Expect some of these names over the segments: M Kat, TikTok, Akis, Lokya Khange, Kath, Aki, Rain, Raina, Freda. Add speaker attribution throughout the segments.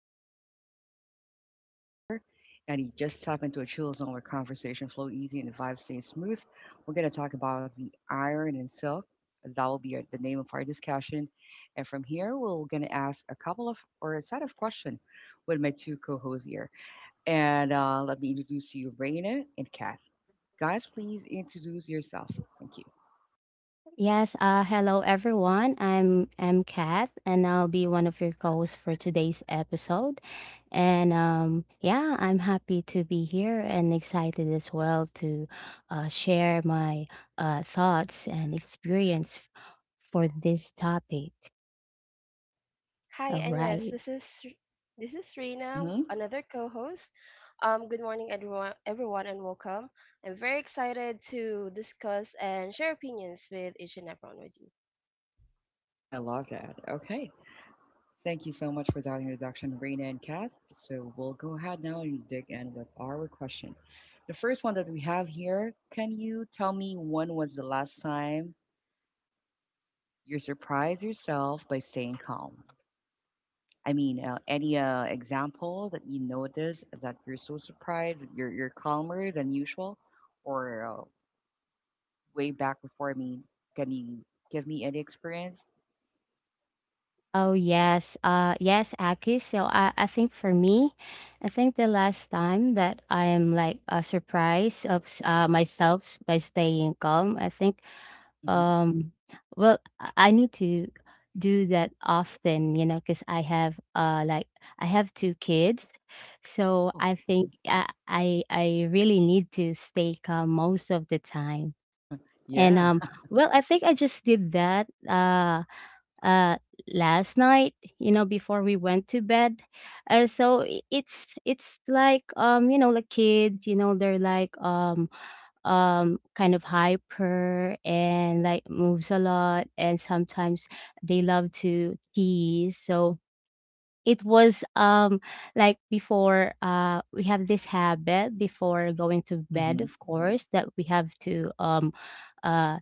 Speaker 1: I've got with my two co-hosts here, and you just tap into a chill zone where conversation flow easy and the vibe stays smooth. We're gonna talk about the iron and silk. That will be the name of our discussion, and from here we're gonna ask a couple of or a set of questions with my two co-hosts here. And let me introduce you, Raina and Kath. Guys, please introduce yourself. Thank you.
Speaker 2: Yes, hello everyone. I'm M Kat and I'll be one of your co-hosts for today's episode. And yeah, I'm happy to be here and excited as well to share my thoughts and experience for this topic.
Speaker 3: Hi,
Speaker 2: All
Speaker 3: and yes,
Speaker 2: right.
Speaker 3: this is this is Rena,
Speaker 1: Mm-hmm.
Speaker 3: another co-host. Good morning, everyone, and welcome. I'm very excited to discuss and share opinions with each and everyone with you.
Speaker 1: I love that. Okay. Thank you so much for that introduction, Raina and Kath. So we'll go ahead now and dig in with our question. The first one that we have here, can you tell me when was the last time you surprised yourself by staying calm? I mean, any example that you notice that you're so surprised, that you're calmer than usual, or way back before? I mean, can you give me any experience?
Speaker 2: Oh yes, yes, Aki. So I think for me, I think the last time that I am like surprised of myself by staying calm, I think
Speaker 1: Hmm
Speaker 2: Um, well, I need to do that often, you know, because I have like I have two kids, so
Speaker 1: Oh,
Speaker 2: I think
Speaker 1: mhm.
Speaker 2: I really need to stay calm most of the time. And
Speaker 1: Yeah.
Speaker 2: well, I think I just did that uh last night, you know, before we went to bed. So it's like you know, like kids, you know, they're like kind of hyper and like moves a lot and sometimes they love to tease, so it was like before we have this habit before going to bed,
Speaker 1: hmm
Speaker 2: of course, that we have to uh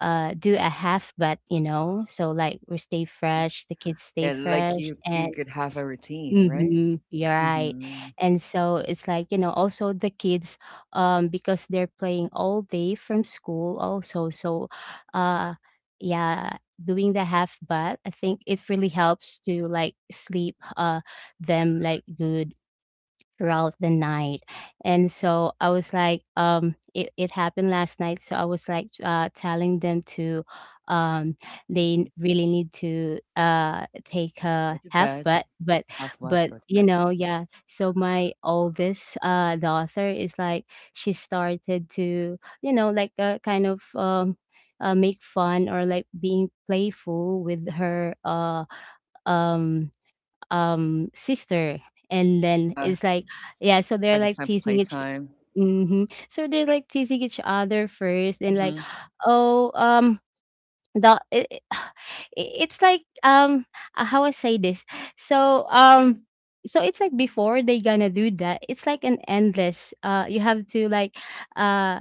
Speaker 2: do a half, but you know, so like we stay
Speaker 1: hmm
Speaker 2: fresh, the kids stay
Speaker 1: And like
Speaker 2: fresh.
Speaker 1: you
Speaker 2: And
Speaker 1: could have a routine, right?
Speaker 2: Mhm, you're right.
Speaker 1: hmm
Speaker 2: And so it's like, you know, also the kids, because they're playing all day from school also. So, uh, yeah, doing the half bath, I think it really helps to like sleep, them like good throughout the night. And so I was like, it, it happened last night. So I was like telling them to, um, they
Speaker 1: hmm
Speaker 2: really need to take
Speaker 1: Go
Speaker 2: a
Speaker 1: to
Speaker 2: half,
Speaker 1: bed, have what?
Speaker 2: but,
Speaker 1: Go to
Speaker 2: you
Speaker 1: bed.
Speaker 2: know, yeah. So my oldest daughter is like, she started to, you know, like kind of, make fun or like being playful with her um sister, and
Speaker 1: Uh
Speaker 2: then
Speaker 1: huh.
Speaker 2: it's like, yeah, so they're
Speaker 1: Like a
Speaker 2: like
Speaker 1: simple
Speaker 2: teasing each
Speaker 1: playtime.
Speaker 2: hmm. So they're like teasing each other first and like,
Speaker 1: Hmm
Speaker 2: oh, the it I it's like, how I say this? So, so it's like before they gonna do that, it's like an endless, you have to uh,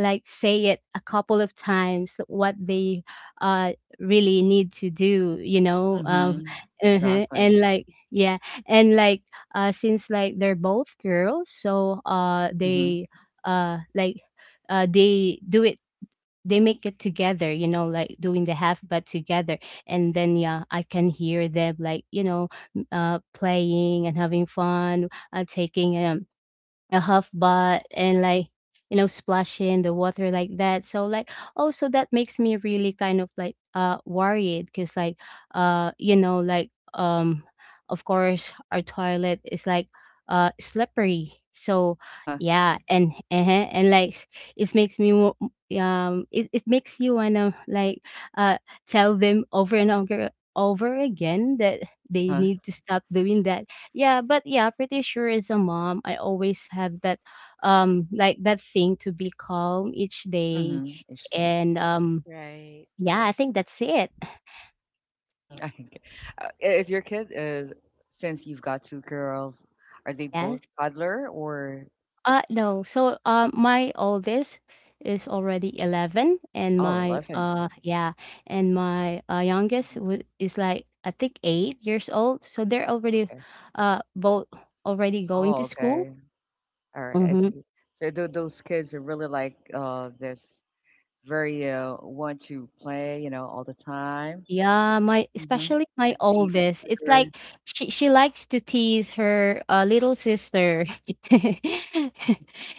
Speaker 2: like say it a couple of times what they, uh, really need to do, you know?
Speaker 1: hmm
Speaker 2: Uh-huh,
Speaker 1: Exactly.
Speaker 2: and like, yeah, and like, since like they're both girls, so,
Speaker 1: hmm
Speaker 2: they, like, they do it, they make it together, you know, like doing the half but together. And then yeah, I can hear them like, you know, playing and having fun, taking a half butt and like, you know, splashing the water like that. So like also that makes me really kind of like worried because like you know, like of course our toilet is like slippery. So
Speaker 1: Uh huh.
Speaker 2: yeah, and like it makes me it, it makes you wanna like uh tell them over and over over again that
Speaker 1: Uh
Speaker 2: they
Speaker 1: huh.
Speaker 2: need to stop doing that. Yeah, but yeah, pretty sure as a mom, I always have that like that thing to be calm each day.
Speaker 1: hmm Each day.
Speaker 2: And
Speaker 3: Right.
Speaker 2: yeah, I think that's it.
Speaker 1: Mhm. Is your kid is, since you've got two girls, are they
Speaker 2: Yes.
Speaker 1: both toddler or
Speaker 2: No. So my oldest is already 11 and
Speaker 1: oh
Speaker 2: my
Speaker 1: 11? 11?
Speaker 2: yeah, and my youngest
Speaker 1: Mhm.
Speaker 2: is like I think 8 years old. So they're already
Speaker 1: Okay.
Speaker 2: both already going to
Speaker 1: Oh,
Speaker 2: school.
Speaker 1: okay. All right, I
Speaker 2: Mm-hmm.
Speaker 1: see. So those kids are really like this very want to play, you know, all the time.
Speaker 2: Yeah, my
Speaker 1: Mm-hmm.
Speaker 2: especially
Speaker 1: A
Speaker 2: my
Speaker 1: teasing
Speaker 2: oldest. It's
Speaker 1: sugar.
Speaker 2: like she likes to tease her little sister.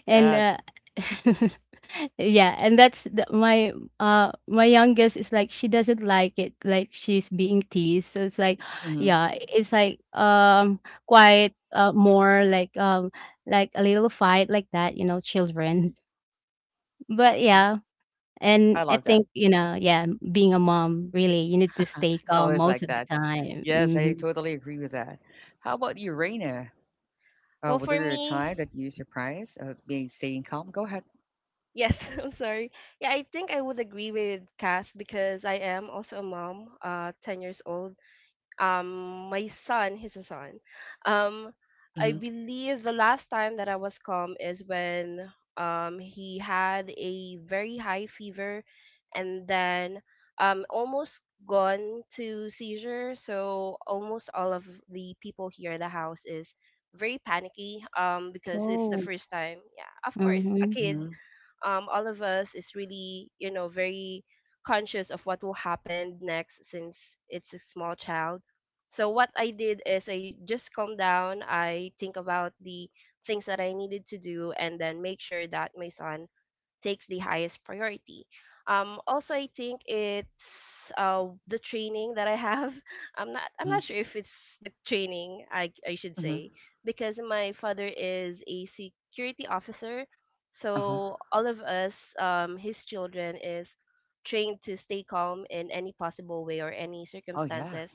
Speaker 2: And
Speaker 1: Yes.
Speaker 2: yeah, and that's the, my my youngest is like she doesn't like it, like she's being teased. So it's like
Speaker 1: Mm-hmm.
Speaker 2: yeah, it's like quite more like a little fight like that, you know, children. But
Speaker 1: hmm
Speaker 2: yeah,
Speaker 1: I
Speaker 2: and I
Speaker 1: love that.
Speaker 2: think, you know, yeah, being a mom, really, you need to stay
Speaker 1: It's
Speaker 2: calm
Speaker 1: always
Speaker 2: most
Speaker 1: like
Speaker 2: of the
Speaker 1: that.
Speaker 2: time.
Speaker 1: Yes, I
Speaker 2: Mhm.
Speaker 1: totally agree with that. How about you, Raina?
Speaker 3: Well,
Speaker 1: Was
Speaker 3: for
Speaker 1: there a time
Speaker 3: me,
Speaker 1: that you surprised being staying calm? Go ahead.
Speaker 3: yes, I'm sorry. Yeah, I think I would agree with Kath because I am also a mom, 10 years old. My son, he's a son. um I
Speaker 1: Mhm,
Speaker 3: believe the last time that I was calm is when he had a very high fever, and then almost gone to seizure. So almost all of the people here in the house is very panicky because it's the
Speaker 2: Oh.
Speaker 3: first time. Yeah, of course, a
Speaker 2: Mhm.
Speaker 3: kid.
Speaker 1: mhm,
Speaker 3: All of us is really very conscious of what will happen next, since it's a small child. So what I did is I just calm down. I think about the things that I needed to do and then make sure that my son takes the highest priority. Also, I think it's the training that I have. I'm not
Speaker 1: mhm,
Speaker 3: sure if it's the training I should
Speaker 1: mhm,
Speaker 3: say, because my father is a security officer,
Speaker 1: uh-huh.
Speaker 3: so all of us, his children, is trained to stay calm in any possible way or any
Speaker 1: Oh, yeah.
Speaker 3: circumstances.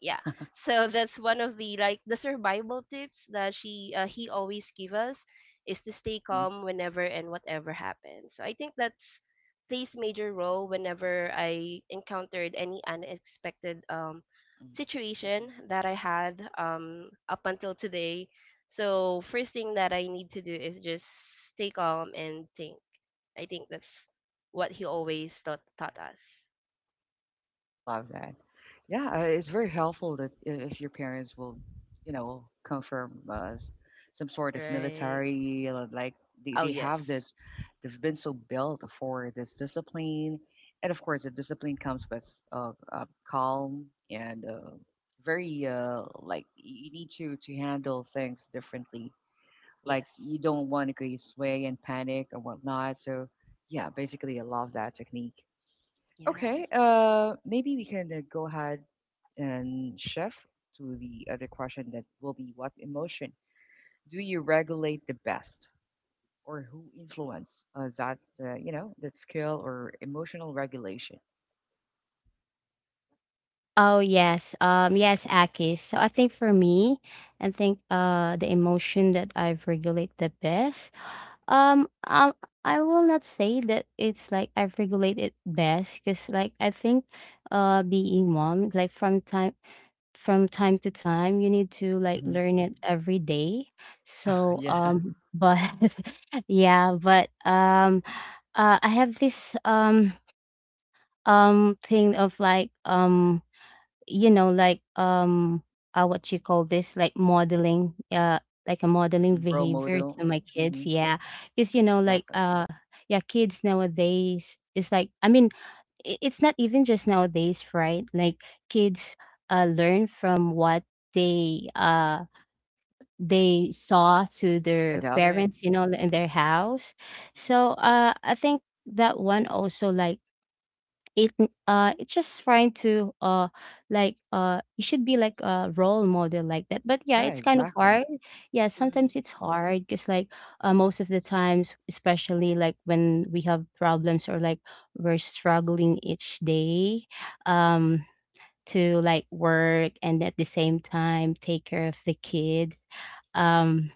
Speaker 3: Yeah, so that's one of the, like, the survival tips that she he always give us is to stay
Speaker 1: Mhm,
Speaker 3: calm whenever and whatever happens. So I think that's plays major role whenever I encountered any unexpected
Speaker 1: mm, mhm.
Speaker 3: situation that I had, up until today. So first thing that I need to do is just stay calm and think. I think that's what he always taught us.
Speaker 1: I love that. Yeah, it's very helpful that if your parents will, you know, come from some sort of
Speaker 3: Right.
Speaker 1: military, like they,
Speaker 3: Oh,
Speaker 1: they
Speaker 3: yes.
Speaker 1: have this, they've been so built for this discipline. And of course, the discipline comes with calm and very, like, you need to handle things differently. Like
Speaker 3: Yes.
Speaker 1: you don't want to create sway and panic or whatnot. So yeah, basically I love that technique.
Speaker 3: Yes.
Speaker 1: Okay, maybe we can go ahead and shift to the other question that will be, what emotion do you regulate the best, or who influence that, you know, that skill or emotional regulation?
Speaker 2: Oh, yes. Yes, Akis. So I think for me, I think the emotion that I've regulate the best. Um, um I will not say that it's like I've regulated best because like I think being mom like from time to time. You need to like
Speaker 1: Mhm.
Speaker 2: learn it every day. So
Speaker 1: Yeah.
Speaker 2: but yeah, but I have this thing of like you know, like what you call this, like modeling like a modeling
Speaker 1: Mhm. Role
Speaker 2: behavior
Speaker 1: model.
Speaker 2: to my kids.
Speaker 1: Mhm.
Speaker 2: Yeah, because, you know, like
Speaker 1: Exactly.
Speaker 2: yeah, kids nowadays is like, I mean, it's not even just nowadays, right? Like kids learn from what they uh they saw to their
Speaker 1: Adapt.
Speaker 3: Right.
Speaker 2: parents, you know,
Speaker 1: Mhm.
Speaker 2: in their house.
Speaker 1: Mhm.
Speaker 2: So I think that one also like it it's just trying to like you should be like a role model like that. But yeah,
Speaker 1: Yeah,
Speaker 2: it's kind of
Speaker 1: exactly.
Speaker 2: hard. Yeah,
Speaker 3: Mm-hmm.
Speaker 2: sometimes it's hard because like most of the times, especially like when we have problems or like we're struggling each day um to like work and at the same time take care of the kids, um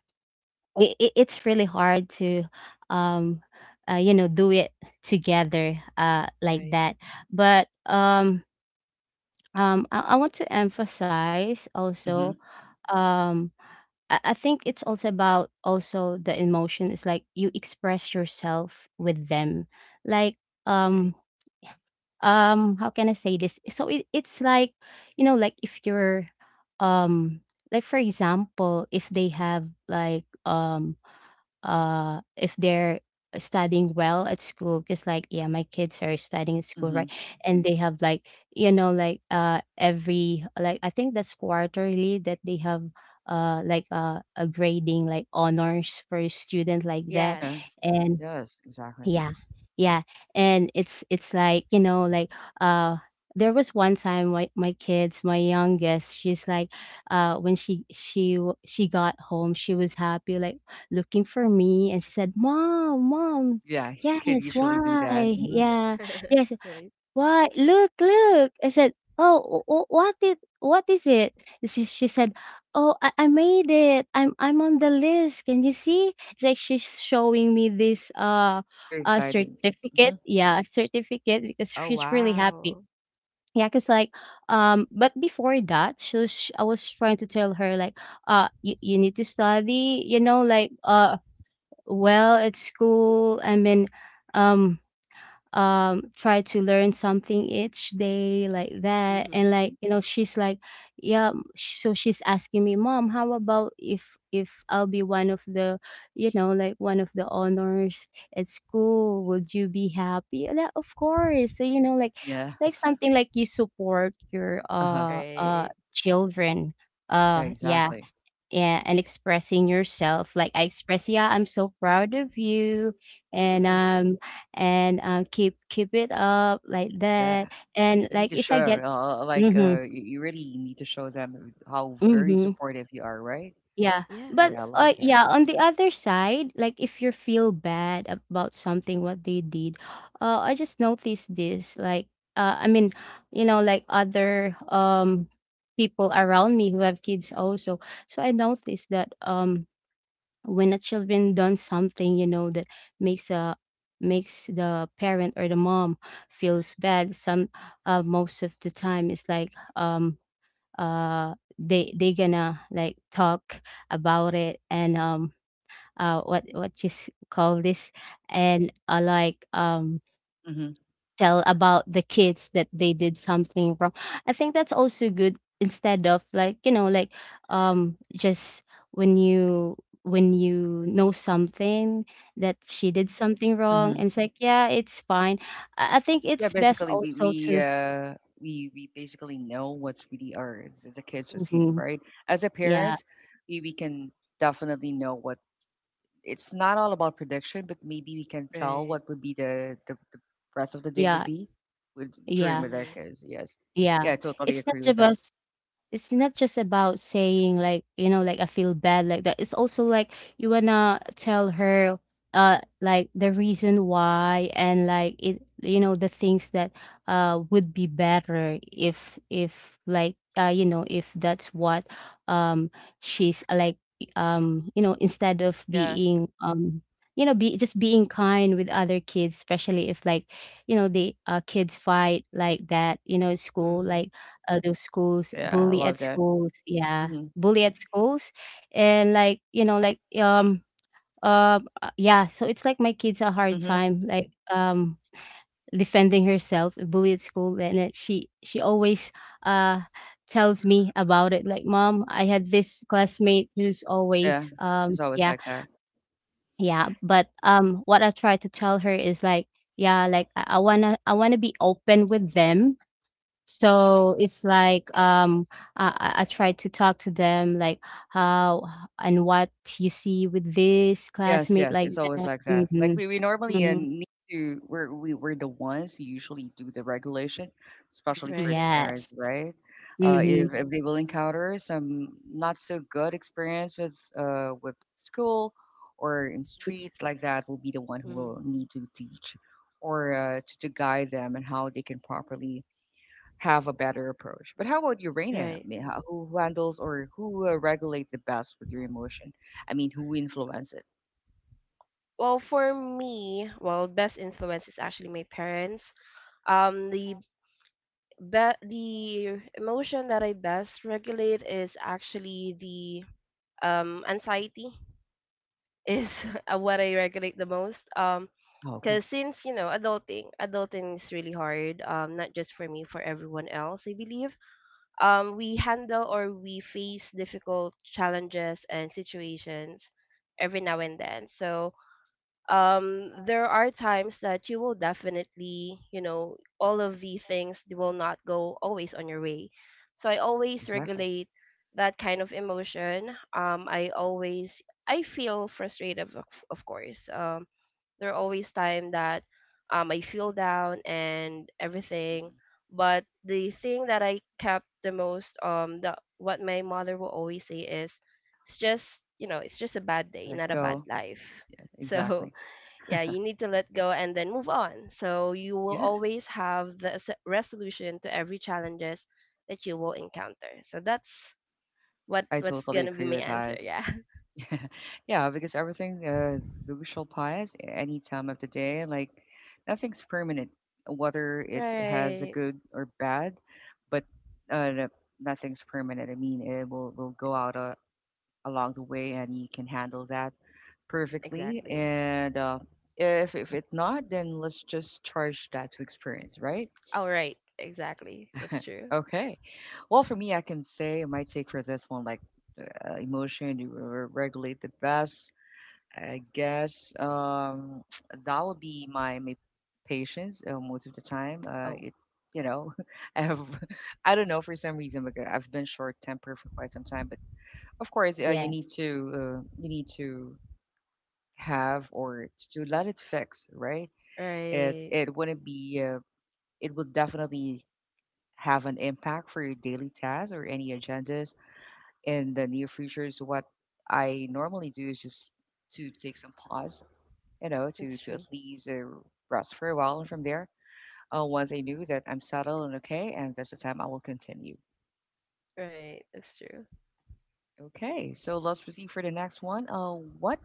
Speaker 2: it, it, it's really hard to um you know, do it together like
Speaker 3: Right.
Speaker 2: that. But I want to emphasize also
Speaker 1: Mhm.
Speaker 2: um I think it's also about also the emotion. It's like you express yourself with them. Like
Speaker 3: Right.
Speaker 2: um how can I say this? So it, it's like, you know, like if you're um like for example, if they have like if they're studying well at school, because like yeah, my kids are studying at school, right?
Speaker 1: Mhm.
Speaker 2: And they have like, you know, like every like I think that's quarterly that they have like a grading like honors for a student like that.
Speaker 3: Yes.
Speaker 1: Yeah.
Speaker 2: And
Speaker 1: Yes, exactly.
Speaker 2: yeah. Yeah. And it's like, you know, like uh there was one time my, my kids, my youngest, she's like when she got home, she was happy like looking for me and she said, "Mom, mom,"
Speaker 1: Yeah, kid
Speaker 2: yes,
Speaker 1: usually do that.
Speaker 2: "why?"
Speaker 1: Mhm.
Speaker 2: Yeah. Yes,
Speaker 3: Right.
Speaker 2: "Why, look, look!" I said, "Oh, wh wh what it what is it?" She said, "Oh, I made it. I'm on the list. Can you see?" It's like she's showing me this
Speaker 1: Very excited.
Speaker 2: certificate.
Speaker 1: Mhm.
Speaker 2: Yeah, certificate, because
Speaker 3: Oh,
Speaker 2: she's really happy.
Speaker 3: wow.
Speaker 2: Yeah, cause like but before that, she was, I was trying to tell her like, you, you need to study, you know, like well at school. I mean, um, try to learn something each day like that.
Speaker 3: Mhm.
Speaker 2: And like, you know, she's like yeah, so she's asking me, "Mom, how about if I'll be one of the, you know, like one of the honors at school, would you be happy?" Yeah, of course. So, you know, like
Speaker 1: Yeah.
Speaker 2: like something like you support your
Speaker 1: Uh-huh.
Speaker 3: Right.
Speaker 2: children. Yeah,
Speaker 1: Exactly.
Speaker 2: yeah, and expressing yourself. Like I express, yeah, I'm so proud of you, and
Speaker 3: Mhm.
Speaker 2: um, and keep keep it up like that.
Speaker 1: Yeah.
Speaker 2: And
Speaker 1: You need
Speaker 2: like
Speaker 1: to
Speaker 2: if I
Speaker 1: show,
Speaker 2: get,
Speaker 1: like,
Speaker 2: mm-hmm,
Speaker 1: you really need to show them how very
Speaker 2: mm-hmm,
Speaker 1: supportive you are, right?
Speaker 2: yeah. But
Speaker 1: Yeah, I
Speaker 3: Yes, of
Speaker 1: love
Speaker 3: course.
Speaker 1: that.
Speaker 2: yeah, on the other side, like if you feel bad about something what they did, I just noticed this. Like, I mean, you know, like other people around me who have kids also. So I noticed that when the children done something, you know, that makes a makes the parent or the mom feels bad, some most of the time it's like they gonna like talk about it and what call this, and like
Speaker 1: Mm-hmm.
Speaker 2: tell about the kids that they did something wrong. I think that's also good, instead of like, you know, like just when you when you know something that she did something wrong,
Speaker 1: Mm-hmm.
Speaker 2: and it's like, yeah, it's fine. I think
Speaker 1: Yeah,
Speaker 2: it's best
Speaker 1: basically, we
Speaker 2: also
Speaker 1: we
Speaker 2: to
Speaker 1: uh we we basically know what's really our the kids are seeing,
Speaker 2: Mhm.
Speaker 1: right? As a
Speaker 2: yeah,
Speaker 1: parents, we can definitely know what it's not all about prediction, but maybe we can tell
Speaker 3: Right.
Speaker 1: what would be the rest of the day
Speaker 2: yeah,
Speaker 1: would be with
Speaker 2: yeah,
Speaker 1: during with our
Speaker 3: Mhm.
Speaker 1: kids. Yes.
Speaker 2: yeah.
Speaker 1: Yeah, I totally
Speaker 2: It's not
Speaker 1: agree with
Speaker 2: about
Speaker 1: that.
Speaker 2: It's not just about saying like, you know, like I feel bad like that. It's also like you wanna tell her like the reason why and like it, you know, the things that would be better if like you know, if that's what um she's like you know, instead of
Speaker 1: Yeah.
Speaker 2: being you know, be just being kind with other kids, especially if like, you know, the kids fight like that, you know, at school,
Speaker 3: Mhm.
Speaker 2: like those schools,
Speaker 1: Yeah, I
Speaker 2: bully at
Speaker 1: love that.
Speaker 2: schools, yeah,
Speaker 1: Mhm,
Speaker 2: bully at schools, and like you know, like yeah. So it's like my kids a hard
Speaker 1: mhm,
Speaker 2: time, like defending herself, bully at school, and it, she always uh tells me about it. Like, "Mom, I had this classmate who's
Speaker 1: yeah,
Speaker 2: always
Speaker 1: it's always
Speaker 2: yeah,
Speaker 1: like that.
Speaker 2: yeah. But what I try to tell her is like, yeah, like I wanna be open with them, so it's like I, I try to talk to them, like, how and what you see with this
Speaker 1: Yes,
Speaker 2: classmate
Speaker 1: yes,
Speaker 2: like
Speaker 1: it's always
Speaker 2: that.
Speaker 1: like that. Like
Speaker 2: Mm-hmm.
Speaker 1: we normally
Speaker 2: Mm-hmm.
Speaker 1: need to we're the ones who usually do the regulation, especially for the
Speaker 3: Right.
Speaker 1: parents,
Speaker 2: Yes.
Speaker 1: right?
Speaker 2: Mm-hmm.
Speaker 1: If they will encounter some not so good experience with school or in street like that, will be the one who
Speaker 3: Mhm.
Speaker 1: will need to teach or to guide them and how they can properly have a better approach. But how about you, Reina? I
Speaker 3: Right.
Speaker 1: mean, how, who handles or who regulate the best with your emotion? I mean, who influence it?
Speaker 3: Well, for me, well, best influence is actually my parents. Um, the be- the emotion that I best regulate is actually the anxiety is what I regulate the most.
Speaker 1: Oh, okay.
Speaker 3: Because, since you know, adulting is really hard. Not just for me, for everyone else, I believe, we handle or we face difficult challenges and situations every now and then. So, there are times that you will definitely, you know, all of the things will not go always on your way. So I
Speaker 1: Yeah,
Speaker 3: always
Speaker 1: exactly.
Speaker 3: regulate that kind of emotion. I feel frustrated, of course. There are
Speaker 1: Mhm.
Speaker 3: always time that, I feel down and everything.
Speaker 1: Mhm.
Speaker 3: But the thing that I kept the most, the what my mother will always say is, it's just, you know, it's just a bad day,
Speaker 1: Let it
Speaker 3: not a bad
Speaker 1: go.
Speaker 3: life.
Speaker 1: Yeah,
Speaker 3: So
Speaker 1: exactly.
Speaker 3: yeah, you need to let go and then move on. So you will
Speaker 1: Yeah,
Speaker 3: always have the resolution to every challenges that you will encounter. So that's what
Speaker 1: I
Speaker 3: what's
Speaker 1: totally
Speaker 3: gonna be
Speaker 1: agree
Speaker 3: my
Speaker 1: with
Speaker 3: answer.
Speaker 1: that.
Speaker 3: Yeah,
Speaker 1: Yeah, because everything, thou shall pass at any time of the day. Like, nothing's permanent, whether it has a
Speaker 3: right,
Speaker 1: good or bad, but uh, no- nothing's permanent. I mean, will go out along the way and you can handle that perfectly
Speaker 3: exactly.
Speaker 1: and if it not, then let's just charge that to experience, right?
Speaker 3: All right, exactly. That's true.
Speaker 1: Okay, well, for me, I can say my take for this one, like, emotion to regulate the best, I guess, that would be my my patience, most of the time
Speaker 3: Oh,
Speaker 1: it, you know, I have I don't know, for some reason, like, I've been short tempered for quite some time, but of course,
Speaker 2: Yes.
Speaker 1: you need to have or to let it fix, right? It
Speaker 3: right.
Speaker 1: it wouldn't be it will definitely have an impact for your daily tasks or any agendas in the near future. So what I normally do is just to take some pause, you know,
Speaker 3: That's
Speaker 1: to
Speaker 3: true.
Speaker 1: at least rest for a while, and from there, once I knew that I'm settled and okay, and that's the time I will continue.
Speaker 3: Right. That's true.
Speaker 1: Okay, so let's proceed for the next one. What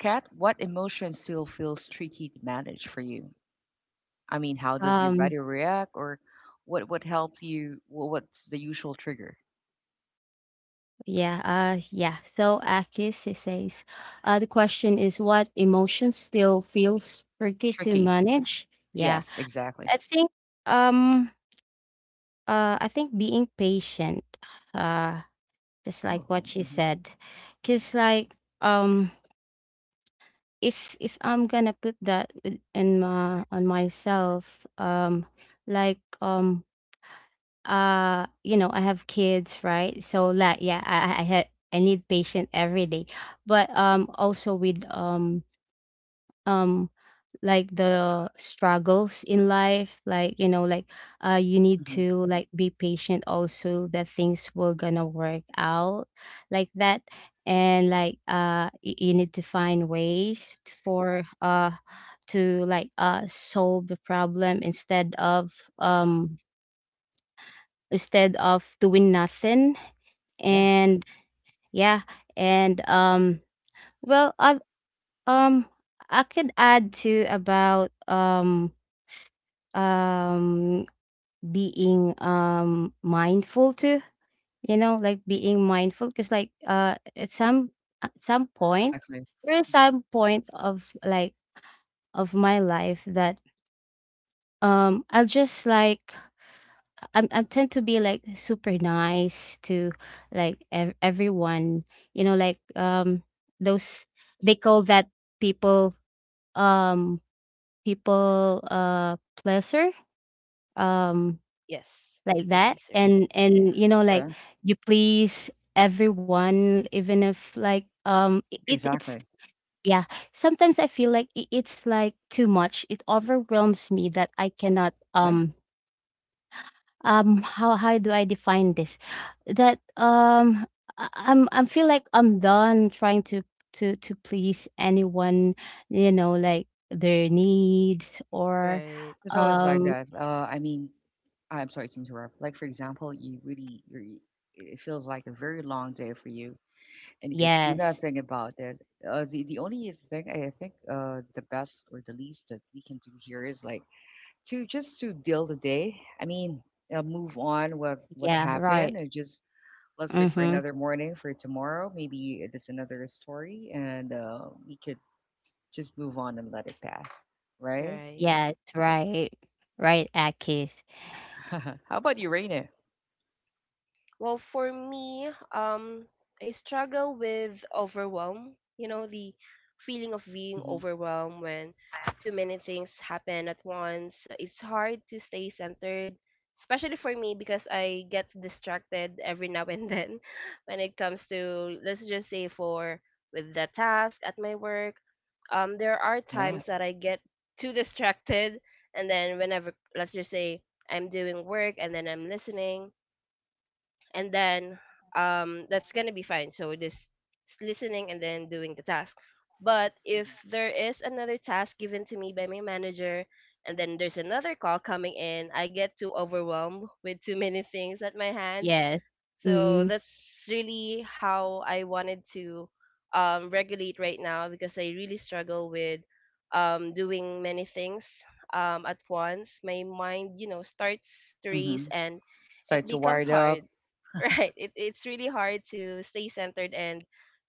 Speaker 1: cat? What emotion still feels tricky to manage for you? I mean, how does your
Speaker 2: Um
Speaker 1: body react, or what helps you? What's the usual trigger?
Speaker 2: yeah, yeah. So, Akis, it says the question is, what emotion still feels tricky to
Speaker 1: Tricky.
Speaker 2: manage? Yeah.
Speaker 1: Yes, exactly.
Speaker 2: I think um I think being patient. Uh just like what
Speaker 1: Oh,
Speaker 2: she
Speaker 1: hmm
Speaker 2: said,
Speaker 1: hmm
Speaker 2: because like um if I'm gonna put that in my on myself, like you know, I have kids, right? So like, yeah, I need patient every day. But also with um like the struggles in life, like you know, like you need
Speaker 1: hmm
Speaker 2: to, like, be patient also, that things will gonna work out like that. And like you need to find ways t- for to, like, solve the problem um instead of doing nothing.
Speaker 1: yeah,
Speaker 2: And yeah, and well, um I could add to about um being mindful to, you know, like, being mindful. Because like at some point,
Speaker 1: exactly.
Speaker 2: there is
Speaker 1: hmm
Speaker 2: some point of my life that I'll just, like, I tend to be like super nice to like everyone, you know, like, those, they call that, people, um pleaser, um
Speaker 3: Yes.
Speaker 2: like
Speaker 3: People
Speaker 2: that.
Speaker 3: pleaser.
Speaker 2: And
Speaker 3: Yeah.
Speaker 2: you know, like,
Speaker 1: Yeah,
Speaker 2: you please everyone even if like it's
Speaker 1: exactly.
Speaker 2: yeah, sometimes I feel like it's like too much, it overwhelms me that I cannot,
Speaker 1: Yeah,
Speaker 2: how do I define this, that I feel like I'm done trying to please anyone, you know, like, their needs, or
Speaker 3: Right.
Speaker 1: it's always like
Speaker 2: um
Speaker 1: that. I mean, I'm sorry to interrupt. Like for example, you really you're, it feels like a very long day for you, and you can do
Speaker 2: yes,
Speaker 1: nothing about it. The only thing I think the best or the least that we can do here is like to just to deal the day. I mean, move on with what
Speaker 2: yeah,
Speaker 1: happened
Speaker 2: right.
Speaker 1: and just let's wait for
Speaker 2: Mhm.
Speaker 1: another morning for tomorrow. Maybe it's another story and we could just move on and let it pass, right?
Speaker 3: Right.
Speaker 2: Yes, right. Right, Akis.
Speaker 1: How about you, Raina?
Speaker 3: Well, for me, I struggle with overwhelm. You know, the feeling of being
Speaker 1: Hmm
Speaker 3: overwhelmed when too many things happen at once. It's hard to stay centered, especially for me because I get distracted every now and then, when it comes to, let's just say, for with the task at my work. There are
Speaker 1: Yeah.
Speaker 3: times that I get too distracted, and then whenever, let's just say, I'm doing work and then I'm listening, and then that's gonna be fine, so just listening and then doing the task. But if
Speaker 1: Mm-hmm.
Speaker 3: there is another task given to me by my manager and then there's another call coming in, I get too overwhelmed with too many things at my hand.
Speaker 2: Yes.
Speaker 3: So
Speaker 2: Mhm.
Speaker 3: that's really how I wanted to regulate right now, because I really struggle with, doing many things, at once. My mind, starts to race
Speaker 1: Mm-hmm.
Speaker 3: and it
Speaker 1: Start to wire
Speaker 3: becomes
Speaker 1: it
Speaker 3: hard.
Speaker 1: up.
Speaker 3: Right, it's really hard to stay centered and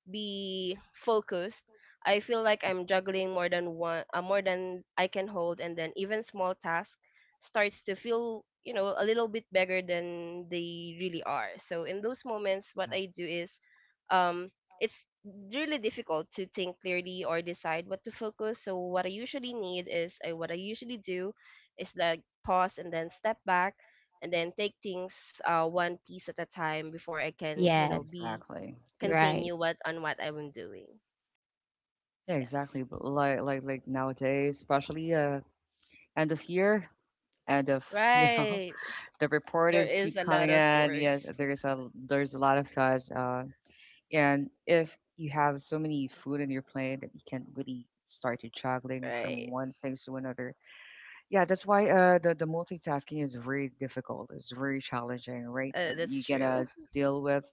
Speaker 3: be focused. I feel like
Speaker 1: Mhm.
Speaker 3: I'm juggling more than one more than I can hold, and then even small task starts to feel, a little bit bigger than they really are. So in those moments, what
Speaker 1: Yeah,
Speaker 3: I do is, um it's really difficult to think clearly or decide what to focus. So what I usually do is, like, pause and then step back and then take things, one piece at a time before I can, you know,
Speaker 2: Yes,
Speaker 3: be
Speaker 1: exactly.
Speaker 2: right.
Speaker 3: continue what on what I'm doing.
Speaker 1: Yeah,
Speaker 3: Yes.
Speaker 1: exactly. But like nowadays, especially end of year, end of you know,
Speaker 3: Right.
Speaker 1: the
Speaker 3: There
Speaker 1: reporters
Speaker 3: is
Speaker 1: keep
Speaker 3: a lot
Speaker 1: coming
Speaker 3: of
Speaker 1: in.
Speaker 3: works.
Speaker 1: Yes, there's a lot of thoughts. And if you have so many food in your plate that you can't really start to juggling from
Speaker 3: Right.
Speaker 1: one thing to another. Yeah, that's why the multitasking is very difficult. It's very challenging, right? You
Speaker 3: That's true.
Speaker 1: gotta deal with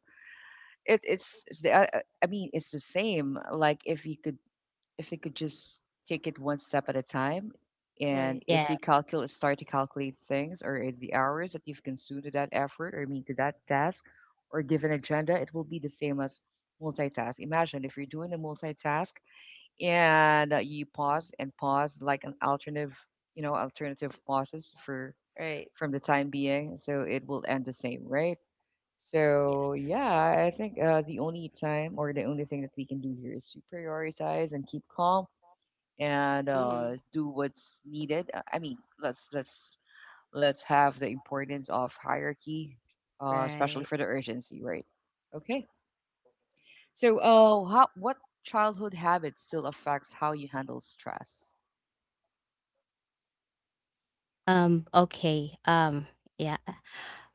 Speaker 1: it. It's the I mean, it's the same. Like if you could, if we could just take it one step at a time, and
Speaker 3: Right.
Speaker 1: if you
Speaker 2: Yes.
Speaker 1: calculate, start to calculate things or the hours that you've consumed to that effort or I mean to that task or given agenda, it will be the same as multitask. Imagine if you're doing a multitask and you pause and pause, like an alternative, you know, alternative pauses for
Speaker 3: Right.
Speaker 1: from the time being, so it will end the same, right? So
Speaker 3: Yes.
Speaker 1: yeah, I think the only time or the only thing that we can do here is to prioritize and keep calm and
Speaker 3: Mhm.
Speaker 1: do what's needed. I mean, let's have the importance of hierarchy, especially
Speaker 3: Right.
Speaker 1: for the urgency, right? Okay. So, how what childhood habits still affects how you handle stress?
Speaker 2: Okay. Yeah.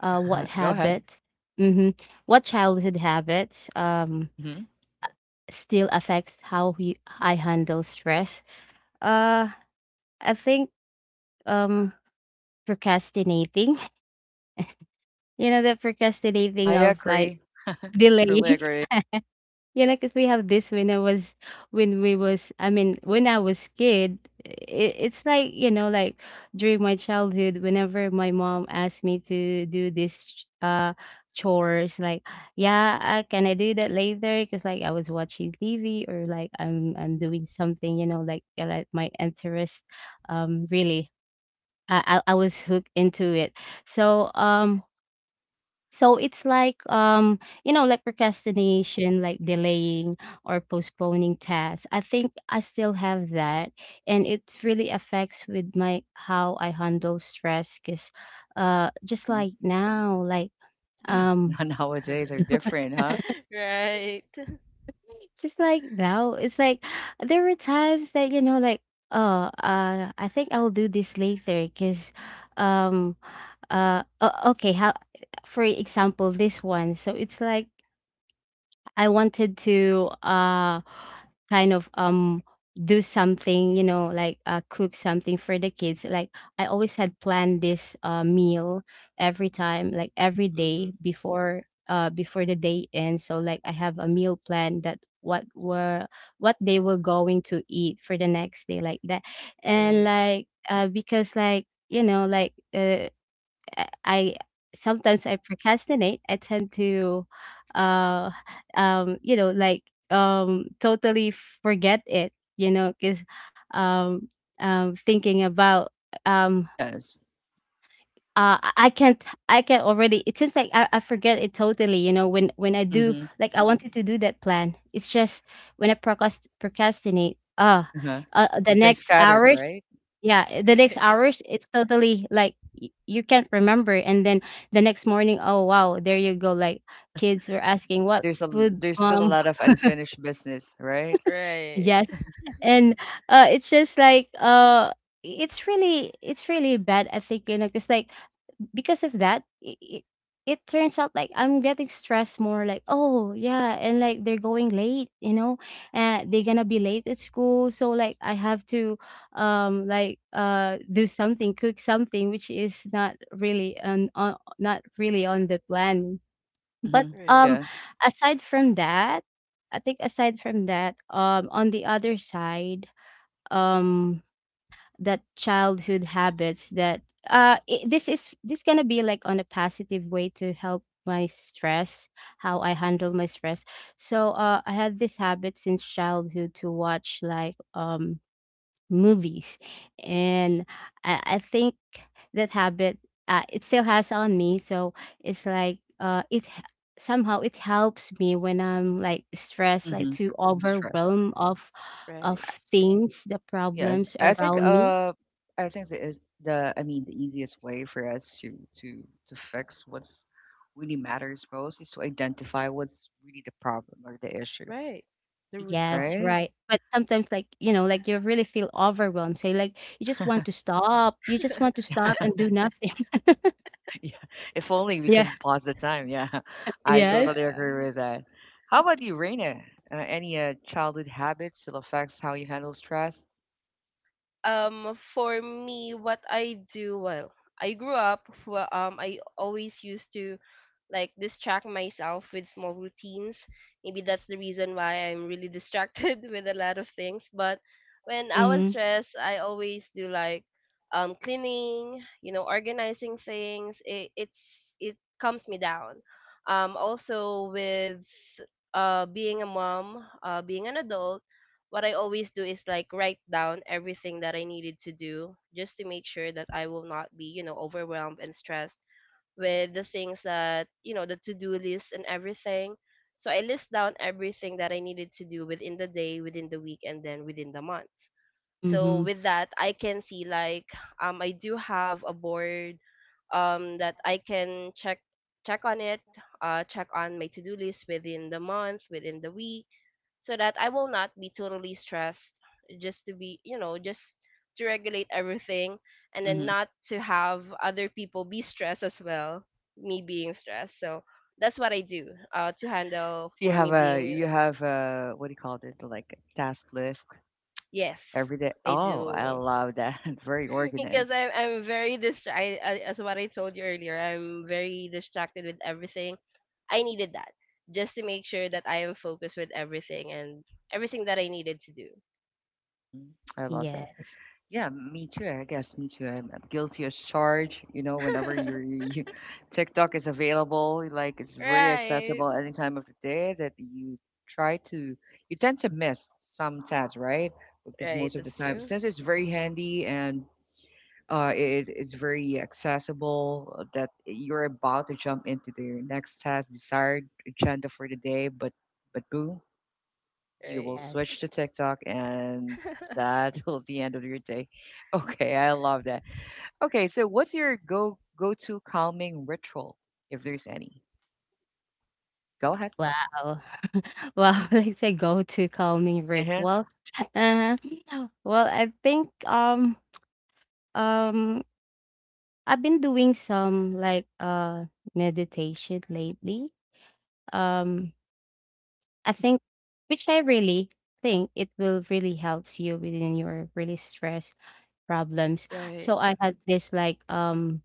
Speaker 2: What
Speaker 1: Go ahead.
Speaker 2: habits? Mm-hmm. What childhood habits
Speaker 1: Hmm
Speaker 2: still affects how you, I handle stress? Uh, I think um procrastinating. You know, the
Speaker 1: I
Speaker 2: procrastinating of, like,
Speaker 1: agree.
Speaker 2: delay.
Speaker 1: Truly agree.
Speaker 2: Yeah, like, 'cause we have this when I was when we was I mean, when I was kid, it's like, you know, like during my childhood, whenever my mom asked me to do this chores, like, yeah, can I do that later? Because like I was watching TV, or like I'm doing something, you know, like, like, my interest, really, I was hooked into it. So um so it's like, you know, like, procrastination, like, delaying or postponing tasks. I think I still have that, and it really affects with my, how I handle stress. 'Cause, just
Speaker 1: Hmm
Speaker 2: like now, like,
Speaker 1: Yeah,
Speaker 2: um,
Speaker 1: Nowadays are different, huh?
Speaker 3: Right.
Speaker 2: just like now, it's like there were times that, you know, like, oh, I think I'll do this later. 'Cause, um, okay, how, for example, this one. So it's like I wanted to kind of, do something, you know, like, cook something for the kids. Like, I always had planned this meal every time, like every day,
Speaker 3: Mhm.
Speaker 2: before before the day ends. So like I have a meal plan that what they were going to eat for the next day, like that. And
Speaker 3: Right.
Speaker 2: like, because like, you know, like, I sometimes I procrastinate. I tend to, uh, you know, like, totally forget it. You know, because, um, thinking about, um,
Speaker 1: Yes.
Speaker 2: I can't, I can already. It seems like I forget it totally. You know, when I do,
Speaker 1: hmm
Speaker 2: like, I wanted to do that plan. It's just when I procrastinate.
Speaker 1: Uh-huh.
Speaker 2: The
Speaker 1: You've been
Speaker 2: next
Speaker 1: scattered,
Speaker 2: hours,
Speaker 1: right?
Speaker 2: yeah, it's totally like y you can't remember, and then the next morning, oh, wow, there you go, like, kids were asking, "What food,
Speaker 1: There's still a
Speaker 2: mom?"
Speaker 1: lot of unfinished business, right?
Speaker 3: Right.
Speaker 2: Yes. And, it's just like, it's really bad, I think, you know, 'cause, like, because of that, it turns out like I'm getting stressed more, like, oh yeah, and like they're going late, you know, and they're gonna be late at school. So like I have to, like, do something, cook something, which is not really on not really on the plan. But,
Speaker 1: mm
Speaker 3: Right.
Speaker 1: Yeah.
Speaker 2: aside from that, I think aside from that, on the other side, um that childhood habits that I this is this gonna be like on a positive way to help my stress, how I handle my stress. So, I had this habit since childhood to watch, like, movies, and I think that habit, it still has on me. So it's like, somehow, it helps me when I'm, like, stressed, like
Speaker 1: Mhm.
Speaker 2: too
Speaker 1: Stress.
Speaker 2: overwhelmed of
Speaker 3: Right.
Speaker 1: I
Speaker 2: things, the
Speaker 1: yes,
Speaker 2: problems
Speaker 1: I think,
Speaker 2: around me.
Speaker 1: uh, I think the is the I mean, the easiest way for us to fix what's really matters most is to identify what's really the problem or the issue,
Speaker 3: Right. The root
Speaker 2: Yes,
Speaker 3: cause.
Speaker 1: right?
Speaker 2: right. But sometimes, like, you know, like, you really feel overwhelmed. So, like, you just want to stop. You just want to stop and do nothing.
Speaker 1: Yeah, if only we
Speaker 2: Yeah.
Speaker 1: can pause the time, yeah. I totally
Speaker 2: Yes.
Speaker 3: Yeah.
Speaker 1: agree with that. How about you, Raina? Any childhood habits still affects how you handle stress?
Speaker 3: For me, what I do, well, I grew up, well, I always used to, like, distract myself with small routines. Maybe that's the reason why I'm really distracted with a lot of things. But when I was
Speaker 2: Mm
Speaker 3: stressed, I always do, like, cleaning, you know, organizing things. It calms me down. Also, with being a mom, being an adult, what I always do is, like, write down everything that I needed to do just to make sure that I will not be, you know, overwhelmed and stressed with the things that, you know, the to do list and everything. So I list down everything that I needed to do within the day, within the week, and then within the month.
Speaker 2: hmm. Mm
Speaker 3: So
Speaker 2: hmm.
Speaker 3: with that, I can see, like, I do have a board, that I can check on it, check on my to do list within the month, within the week, so that I will not be totally stressed, just to be, you know, just to regulate everything and then
Speaker 1: Mm-hmm.
Speaker 3: not to have other people be stressed as well, me being stressed. So that's what I do, to handle
Speaker 1: So you
Speaker 3: for
Speaker 1: have
Speaker 3: me
Speaker 1: a,
Speaker 3: being,
Speaker 1: you have a, what do you call it? Like a task list
Speaker 3: yes,
Speaker 1: every day.
Speaker 3: I
Speaker 1: Oh, I
Speaker 3: do.
Speaker 1: love that. Very
Speaker 3: Because
Speaker 1: organized.
Speaker 3: I'm very distracted, as what I told you earlier, I'm very distracted with everything. I needed that just to make sure that I am focused with everything and everything that I needed to do.
Speaker 1: Hmm I love that.
Speaker 2: Yes.
Speaker 1: Yeah, me too. I guess me too. I'm guilty as charged. You know, whenever you're, TikTok is available, like it's very accessible
Speaker 3: Right.
Speaker 1: any time of the day that you try to, you tend to miss some tasks, right? Because
Speaker 3: Right,
Speaker 1: most of the
Speaker 3: that's
Speaker 1: time,
Speaker 3: true.
Speaker 1: since it's very handy and it's very accessible, that you're about to jump into the next task, desired agenda for the day, but boom, you will
Speaker 3: Right.
Speaker 2: Yes.
Speaker 1: switch to TikTok and that will be the end of your day. Okay, I love that. Okay, so what's your go go to calming ritual if there's any? Go ahead.
Speaker 2: Wow. Wow. Like, a go to calming
Speaker 1: Yeah.
Speaker 2: ritual. Uh, well, I think, um, I've been doing some, like, meditation lately. Um, I think, which I really think it will really helps you within your really stress problems. So,
Speaker 3: Right,
Speaker 2: I had this, like,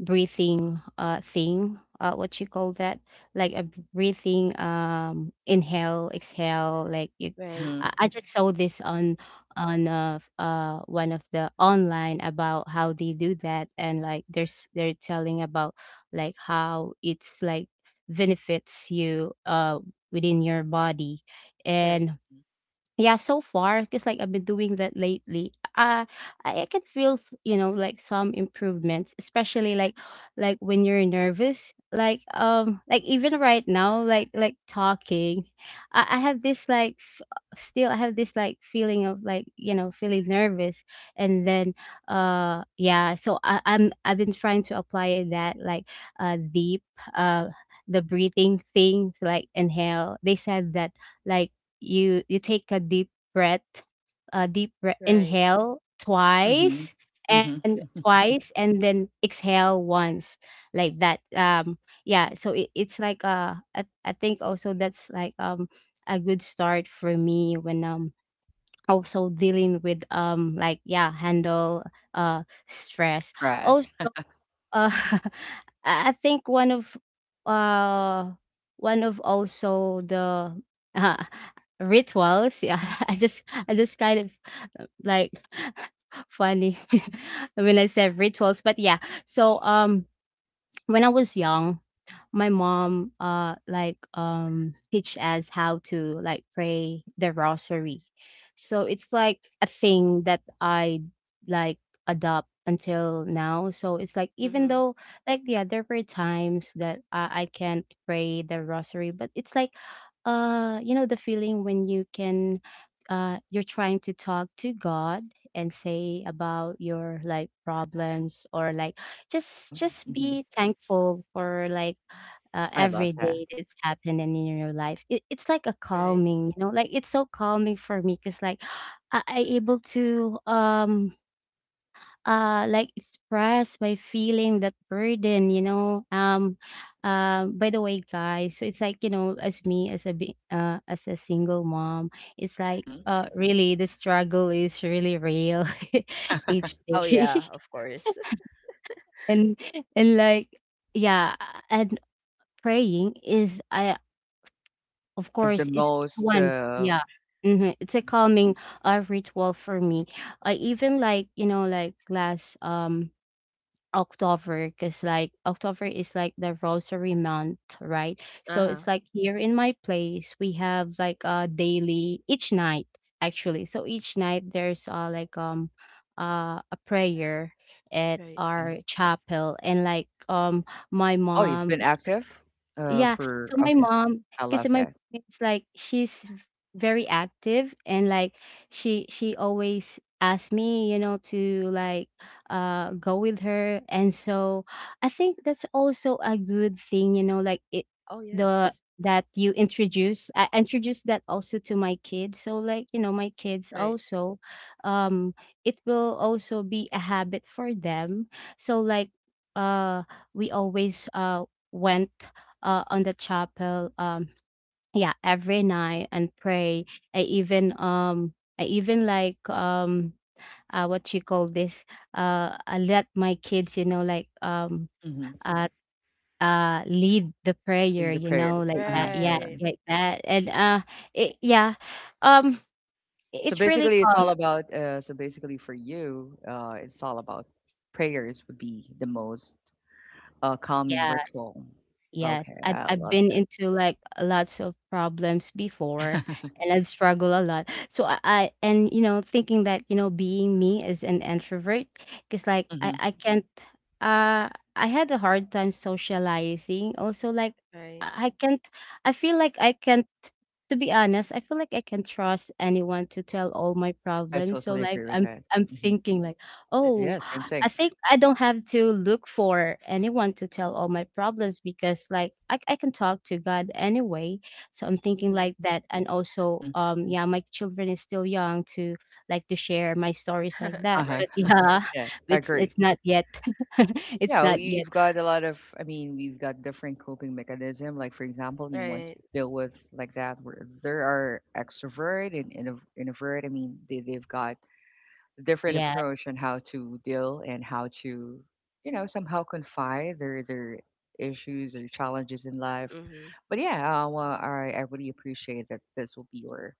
Speaker 2: breathing thing. What you call that? Like, a breathing, inhale, exhale, like, you
Speaker 3: right,
Speaker 2: I,
Speaker 1: Mhm.
Speaker 2: I just saw this on one of the online about how they do that, and, like, there's they're telling about like how it's, like, benefits you within your body.
Speaker 3: right,
Speaker 2: And yeah, so far, because like I've been doing that lately, I can feel, you know, like, some improvements, especially, like when you're nervous, like, like, even right now, like talking, I have this, like, still, I have this like feeling of, like, you know, feeling nervous. And then, yeah, so I've been trying to apply that, like, deep, uh, the breathing thing, to, like, inhale. They said that, like, you take a deep breath,
Speaker 3: right.
Speaker 2: inhale
Speaker 1: Mhm.
Speaker 2: twice
Speaker 1: Mhm.
Speaker 2: and
Speaker 1: Mhm.
Speaker 2: twice, and then exhale once, like that. Yeah. So, it's like, I think also that's like a good start for me when, also dealing with, like, yeah, handle uh stress also,
Speaker 1: Stress.
Speaker 2: uh, I think one uh of also the, uh, rituals. Yeah, I just kind of, like, funny when I said rituals, but yeah. So when I was young, my mom, like, teach us how to, like, pray the rosary, so it's like a thing that I like adopt until now. So it's like, even
Speaker 3: Mm-hmm.
Speaker 2: though, like, yeah, there were times that I can't pray the rosary, but it's like, you know, the feeling when you're trying to talk to God, and say about your, like, problems, or like, just
Speaker 1: hmm
Speaker 2: be thankful for, like,
Speaker 1: I love
Speaker 2: every
Speaker 1: that.
Speaker 2: day that's happening in your life. It's like a
Speaker 3: Right.
Speaker 2: calming, you know, like, it's so calming for me, because like, I able to like express by feeling that burden, you know. By the way, guys, so it's like, you know, as me, as a as a single mom, it's like,
Speaker 1: hmm
Speaker 2: really, the struggle is really real, each
Speaker 3: Oh
Speaker 2: day,
Speaker 3: yeah, of course.
Speaker 2: and and like, yeah, and praying is, I, of
Speaker 1: One of the
Speaker 2: course, it's
Speaker 1: most.
Speaker 2: one. Yeah. Mhm. It's a calming, ritual for me. I even, like, you know, like last October, because like, October is, like, the rosary month, right? So
Speaker 3: Uh-huh.
Speaker 2: it's like here in my place, we have, like, a daily, each night, actually. So each night there's like, a prayer at
Speaker 3: Right.
Speaker 1: Yeah.
Speaker 2: our chapel. And, like, my
Speaker 1: Oh, you've
Speaker 2: mom,
Speaker 1: been active.
Speaker 2: yeah. So
Speaker 1: For
Speaker 2: my
Speaker 1: Okay,
Speaker 2: mom,
Speaker 1: I
Speaker 2: because
Speaker 1: love
Speaker 2: my
Speaker 1: that.
Speaker 2: mom is, like, she's very active, and, like, she always asks me, you know, to like go with her. And so I think that's also a good thing, you know, like, it
Speaker 3: Oh yes.
Speaker 2: the that you introduce I introduced that also to my kids. So, like, you know, my kids
Speaker 3: Right.
Speaker 2: also, um it will also be a habit for them. So, like, uh we always went, on the chapel, yeah, every night and pray. I even, like, what you call this, I let my kids, you know, like,
Speaker 1: hmm
Speaker 2: uh lead the prayer,
Speaker 1: Lead the
Speaker 2: you
Speaker 1: prayer.
Speaker 2: know, like that,
Speaker 1: Uh-huh.
Speaker 2: yeah,
Speaker 1: Yeah.
Speaker 3: Right.
Speaker 2: like that. And yeah, um
Speaker 1: So
Speaker 2: it's really
Speaker 1: basically, it's
Speaker 2: calm.
Speaker 1: all about. So basically, for you, it's all about prayers would be the most calming
Speaker 2: Yeah.
Speaker 1: ritual.
Speaker 2: Yes,
Speaker 1: Okay,
Speaker 2: I've
Speaker 1: I
Speaker 2: I've
Speaker 1: love
Speaker 2: been
Speaker 1: it.
Speaker 2: into, like, lots of problems before, and I struggle a lot. So I and, you know, thinking that, you know, being me as an introvert, because like,
Speaker 1: hmm
Speaker 2: I can't uh, I had a hard time socializing. Also, like,
Speaker 3: Right.
Speaker 2: I can't I feel like I can't to be honest, I feel like I can't trust anyone to tell all my
Speaker 1: I
Speaker 2: problems. So,
Speaker 1: totally
Speaker 2: like,
Speaker 1: agree with
Speaker 2: I'm
Speaker 1: that.
Speaker 2: I'm
Speaker 1: Hmm,
Speaker 2: thinking like,
Speaker 3: That's
Speaker 2: "Oh,
Speaker 1: yeah,
Speaker 3: true.
Speaker 1: same
Speaker 2: I
Speaker 1: thing.
Speaker 2: think I don't have to look for anyone to tell all my problems, because, like, I can talk to God anyway." So I'm thinking
Speaker 3: Mm-hmm.
Speaker 2: like that, and also
Speaker 1: Hmm.
Speaker 2: yeah, my children is still young to like to share my stories like
Speaker 1: Uh
Speaker 2: that.
Speaker 1: huh.
Speaker 2: But
Speaker 3: Right, of
Speaker 2: yeah,
Speaker 3: course.
Speaker 1: Yeah, I
Speaker 2: it's
Speaker 1: agree.
Speaker 2: it's not yet. It's
Speaker 1: Yeah,
Speaker 2: not
Speaker 1: we
Speaker 2: yet.
Speaker 1: you've got a lot of. I mean, we've got different coping mechanism. Like for example, you want to
Speaker 3: Right.
Speaker 1: deal with like that. Where there are extrovert and introvert. I mean, they've got different
Speaker 2: Yeah.
Speaker 1: approach on how to deal and how to somehow confide their issues or challenges in life,
Speaker 3: Mm-hmm.
Speaker 1: but yeah, well, I really appreciate that this will be your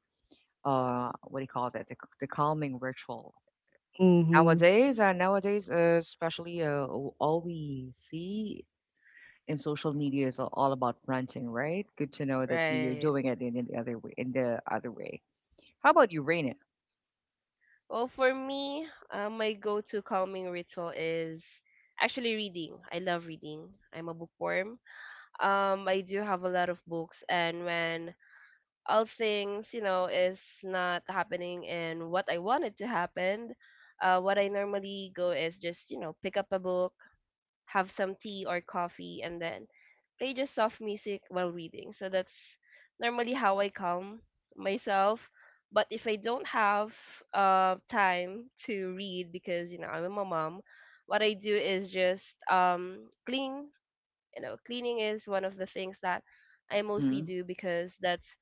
Speaker 1: what do you call that, the calming ritual
Speaker 2: Mhm.
Speaker 1: nowadays, especially all we see in social media is all about ranting, right? Good to know that you're
Speaker 3: Right.
Speaker 1: doing it in the other way, in the other way. How about you, Raina?
Speaker 3: Well, for me, my go-to calming ritual is actually reading. I love reading. I'm a bookworm. I do have a lot of books, and when all things, you know, is not happening and what I wanted to happen, what I normally go is just, you know, pick up a book, have some tea or coffee, and then play just soft music while reading. So that's normally how I calm myself. But if I don't have, time to read, because you know I'm a mom, what I do is just clean. You know, cleaning is one of the things that I mostly
Speaker 1: Mm-hmm.
Speaker 3: do because that's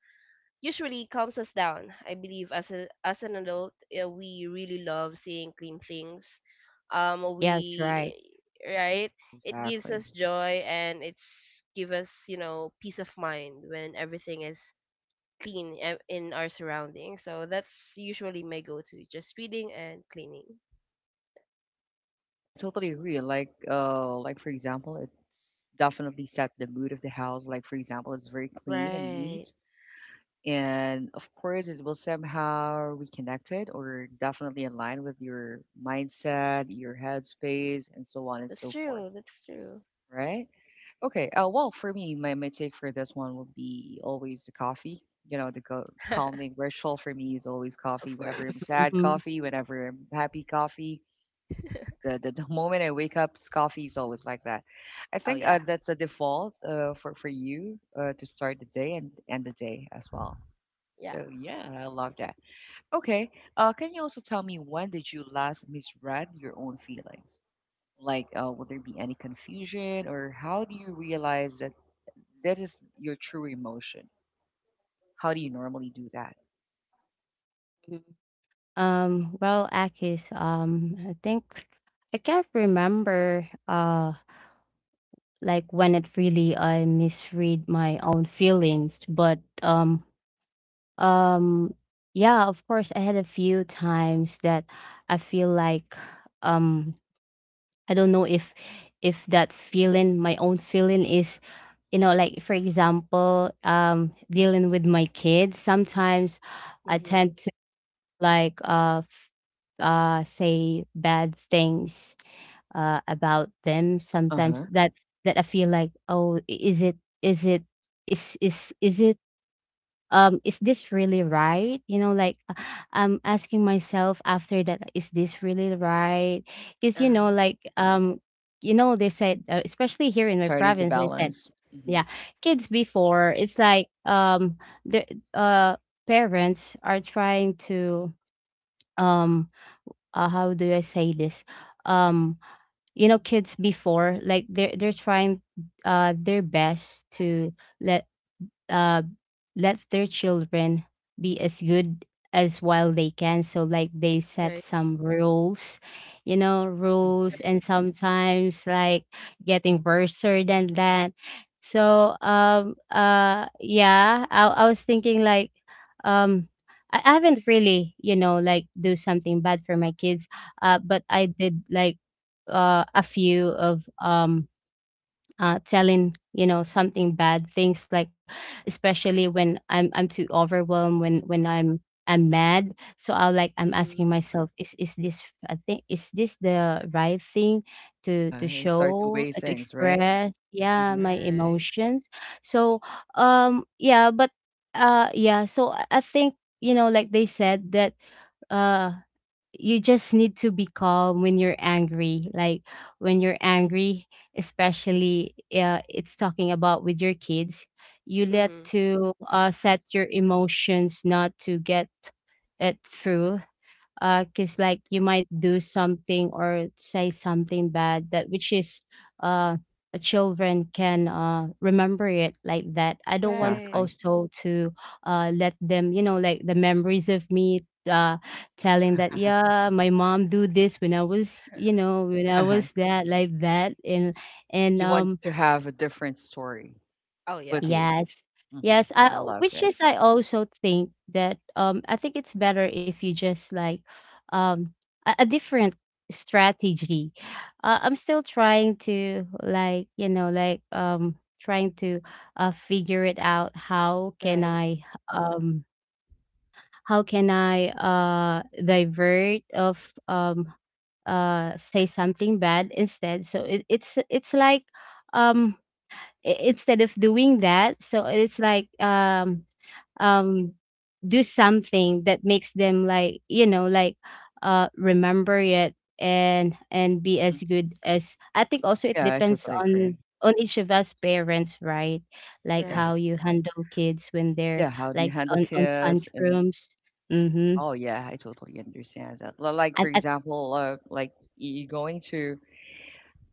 Speaker 3: usually calms us down. I believe, as an adult, we really love seeing clean things. Um,
Speaker 2: Yeah, that's right.
Speaker 3: we right, it gives
Speaker 1: Exactly.
Speaker 3: us joy and it's give us, you know, peace of mind when everything is clean in our surroundings. So that's usually my go-to, just reading and cleaning.
Speaker 1: Yeah, I totally agree. Like for example, it's definitely set the mood of the house. Like for example, it's very clean and
Speaker 3: Right,
Speaker 1: neat, and of course, it will somehow reconnect it or definitely align with your mindset, your headspace, and so on and
Speaker 3: that's
Speaker 1: so forth,
Speaker 3: true. That's true.
Speaker 1: right? Okay. Well, for me, my take for this one would be always the coffee. You know, the calming ritual for me is always
Speaker 3: Of
Speaker 1: coffee. Whenever
Speaker 3: course.
Speaker 1: I'm sad,
Speaker 2: Mhm.
Speaker 1: coffee. Whenever I'm happy, coffee. The moment I wake up, it's coffee. Is always like that. I
Speaker 3: Oh
Speaker 1: think
Speaker 3: yeah,
Speaker 1: that's a default, for you, to start the day and end the day as well.
Speaker 3: yeah.
Speaker 1: So yeah, I love that. Okay, can you also tell me, when did you last misread your own feelings? Like, will there be any confusion, or how do you realize that that is your true emotion? How do you normally do that?
Speaker 2: Mhm. Well, Akis, I think I can't remember. Like when it really I misread my own feelings. But um yeah, of course I had a few times that I feel like, um I don't know if that feeling, my own feeling is, you know, like, for example, dealing with my kids, sometimes I
Speaker 3: Mhm.
Speaker 2: tend like say bad things about them,
Speaker 1: Uh
Speaker 2: sometimes
Speaker 1: huh.
Speaker 2: that I feel like, oh, is it is is is it is this really right, you know, like, I'm asking myself after that, is this really right, because,
Speaker 3: Uh
Speaker 2: you
Speaker 3: huh.
Speaker 2: know, like, you know they said, especially here
Speaker 1: You're
Speaker 2: in my
Speaker 1: starting to
Speaker 2: province, they said,
Speaker 1: balance. Hmm.
Speaker 2: yeah, kids before it's like, the uh parents are trying to, um how do I say this? Um, you know, kids before, like, they're trying their best to let uh let their children be as good as while they can, so, like, they set
Speaker 3: Right.
Speaker 2: some rules, you know, rules,
Speaker 1: Hmm.
Speaker 3: Right.
Speaker 2: and sometimes like getting worser than that. So yeah, I was thinking like, um I haven't really, you know, like do something bad for my kids, but I did like, a few of, telling, you know, something bad things, like, especially when I'm too overwhelmed, when I'm mad. So, I like, I'm asking
Speaker 3: Mhm.
Speaker 2: myself, is this, I think, is this the right thing
Speaker 1: Uh
Speaker 2: to
Speaker 1: huh.
Speaker 2: to
Speaker 1: You start to
Speaker 2: show,
Speaker 1: weigh
Speaker 2: to
Speaker 1: things, right?
Speaker 2: express, yeah,
Speaker 1: Hmm.
Speaker 2: my
Speaker 3: Right.
Speaker 2: emotions. So yeah, but yeah, so I think, you know, like they said that, uh you just need to be calm when you're angry, like when you're angry, especially, it's talking about with your kids, you let
Speaker 3: Mhm.
Speaker 2: to, set your emotions not to get it through, 'cause, like, you might do something or say something bad, that, which is, uh children can remember it, like that. I don't want
Speaker 3: Right.
Speaker 1: Exactly.
Speaker 2: also to let them, you know, like the memories of me uh telling that,
Speaker 1: Uh-huh.
Speaker 2: yeah, my mom do this when I was you know when I
Speaker 1: Uh-huh.
Speaker 2: was that, like that. And
Speaker 1: You want to have a different story
Speaker 3: Oh yeah.
Speaker 1: with you.
Speaker 2: Yes.
Speaker 1: Hmm,
Speaker 2: Yes, I
Speaker 1: I love
Speaker 2: which
Speaker 1: that.
Speaker 2: is, I also think that, I think it's better if you just like, um a different strategy. I'm still trying to, like, you know, like, trying to figure it out,
Speaker 3: Right.
Speaker 2: um how can I divert of, um say something bad instead. So it's like, um instead of doing that, so it's like, um do something that makes them, like, you know, like, remember it, and be
Speaker 1: Hmm,
Speaker 2: as good as. I think also it
Speaker 1: yeah, I
Speaker 2: depends
Speaker 1: totally agree.
Speaker 2: on each of us parents, right, like
Speaker 1: Yeah.
Speaker 3: Right.
Speaker 2: how you handle kids when they're,
Speaker 1: Yeah. How do you
Speaker 2: like,
Speaker 1: handle
Speaker 2: on
Speaker 1: kids? And
Speaker 2: tantrums. Mm-hmm.
Speaker 1: oh, yeah, I totally understand that. Like, for
Speaker 2: at, at,
Speaker 1: example, like you going to,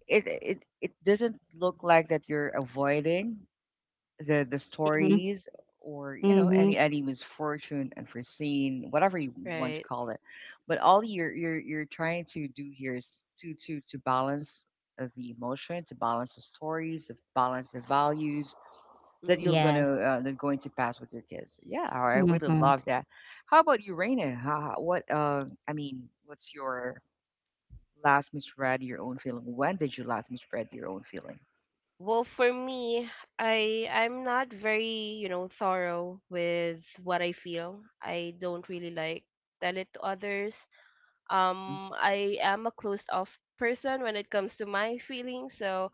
Speaker 1: it doesn't look like that you're avoiding the
Speaker 2: mm-hmm,
Speaker 1: stories or
Speaker 2: mm-hmm.
Speaker 1: any misfortune, unforeseen, whatever you want to
Speaker 3: Right.
Speaker 1: call it, but all you're you're trying to do here is to to balance the emotion, to balance the stories, to balance the values that you're
Speaker 3: Mhm.
Speaker 1: gonna
Speaker 2: Yes.
Speaker 1: that going to pass with your kids. Yeah, I really
Speaker 2: Mm-hmm.
Speaker 1: love that. How about you, Raina? How- what I mean, what's your last misread your own feeling? When did you last misread your own feeling?
Speaker 3: Well, for me, I'm not very, you know, thorough with what I feel. I don't really like tell it to others.
Speaker 1: Hmm,
Speaker 3: I am a closed off person when it comes to my feelings, so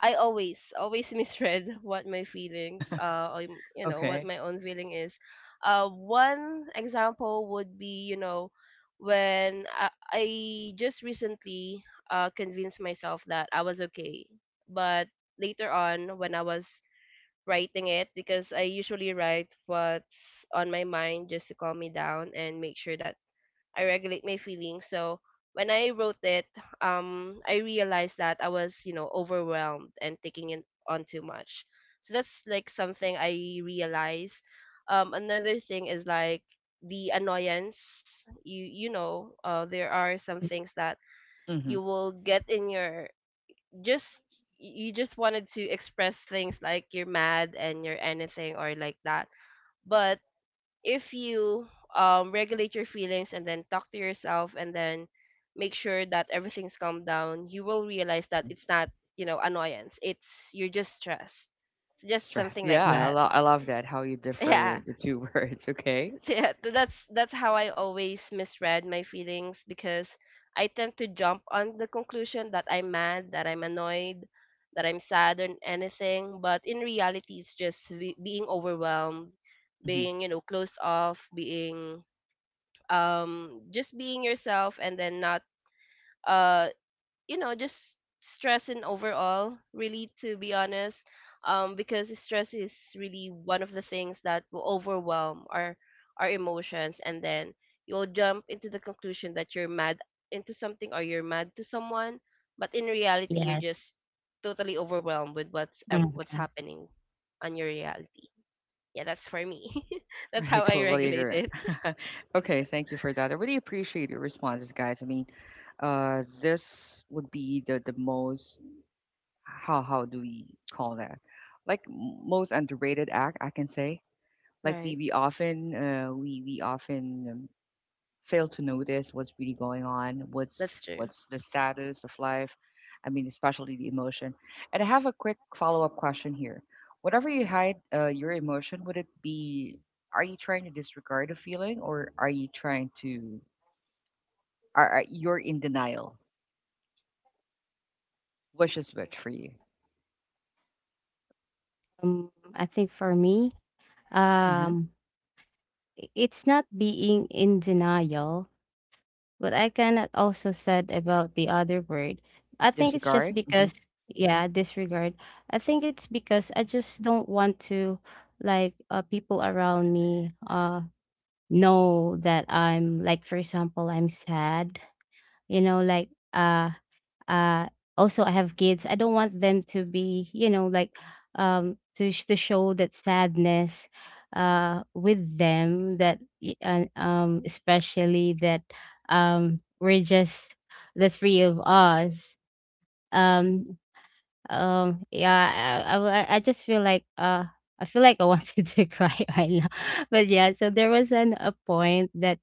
Speaker 3: I always misread what my feelings you know what
Speaker 1: okay.
Speaker 3: my own feeling is. One example would be, you know, when I just recently convinced myself that I was okay. But later on, when I was writing it, because I usually write what's on my mind just to calm me down and make sure that I regulate my feelings. So when I wrote it, I realized that I was, you know, overwhelmed and taking it on too much. So that's, like, something I realized. Another thing is, like, the annoyance. You know, there are some things that
Speaker 1: Hmm.
Speaker 3: you will get in your, just you just wanted to express things like you're mad and you're anything or like that, but if you, regulate your feelings and then talk to yourself and then make sure that everything's calmed down, you will realize that
Speaker 1: Hmm.
Speaker 3: it's not, you know, annoyance. It's you're just stressed. It's just
Speaker 1: Stress.
Speaker 3: something
Speaker 1: Yeah,
Speaker 3: like
Speaker 2: Yes,
Speaker 3: that.
Speaker 1: I love that, how you differ
Speaker 3: Yeah.
Speaker 1: the two words, okay?
Speaker 3: So yeah, that's how I always misread my feelings because I tend to jump on the conclusion that I'm mad, that I'm annoyed, that I'm sad or anything, but in reality it's just being overwhelmed,
Speaker 1: Mhm.
Speaker 3: being, you know, closed off, being just being yourself and then not uh just stressing overall, really, to be honest, because stress is really one of the things that will overwhelm our emotions and then you'll jump into the conclusion that you're mad into something or you're mad to someone, but in reality you're
Speaker 2: yes.
Speaker 3: just totally overwhelmed with what's
Speaker 2: Mm-hmm.
Speaker 3: happening on your reality. Yeah, that's for me. That's
Speaker 1: I
Speaker 3: how I
Speaker 1: totally
Speaker 3: regulate
Speaker 1: agree.
Speaker 3: it,
Speaker 1: Okay, thank you for that. I really appreciate your responses, guys. I mean, this would be the most, how do we call that? Like most underrated act, I can say. Like we
Speaker 3: right?
Speaker 1: we often we often fail to notice what's really going on,
Speaker 3: That's true.
Speaker 1: what's the status of life. I mean, especially the emotion. And I have a quick follow up question here. Whatever you hide your emotion, would it be? Are you trying to disregard a feeling, or are you trying to? Are you're in denial? Which is which for you?
Speaker 2: I think for me,
Speaker 1: Hmm.
Speaker 2: um it's not being in denial, but I cannot also said about the other word. I think it's
Speaker 1: Disregard.
Speaker 2: just
Speaker 1: Hmm.
Speaker 2: because, yeah, disregard. I think it's because I just don't want to, like, people around me know that I'm, like, for example, I'm sad. You know, like, uh also I have kids, I don't want them to be, you know, like, to show that sadness with them, that y- and especially that, we're just the three of us. um yeah, I just feel like, I feel like I wanted to cry right now. But yeah, so there was an a point that,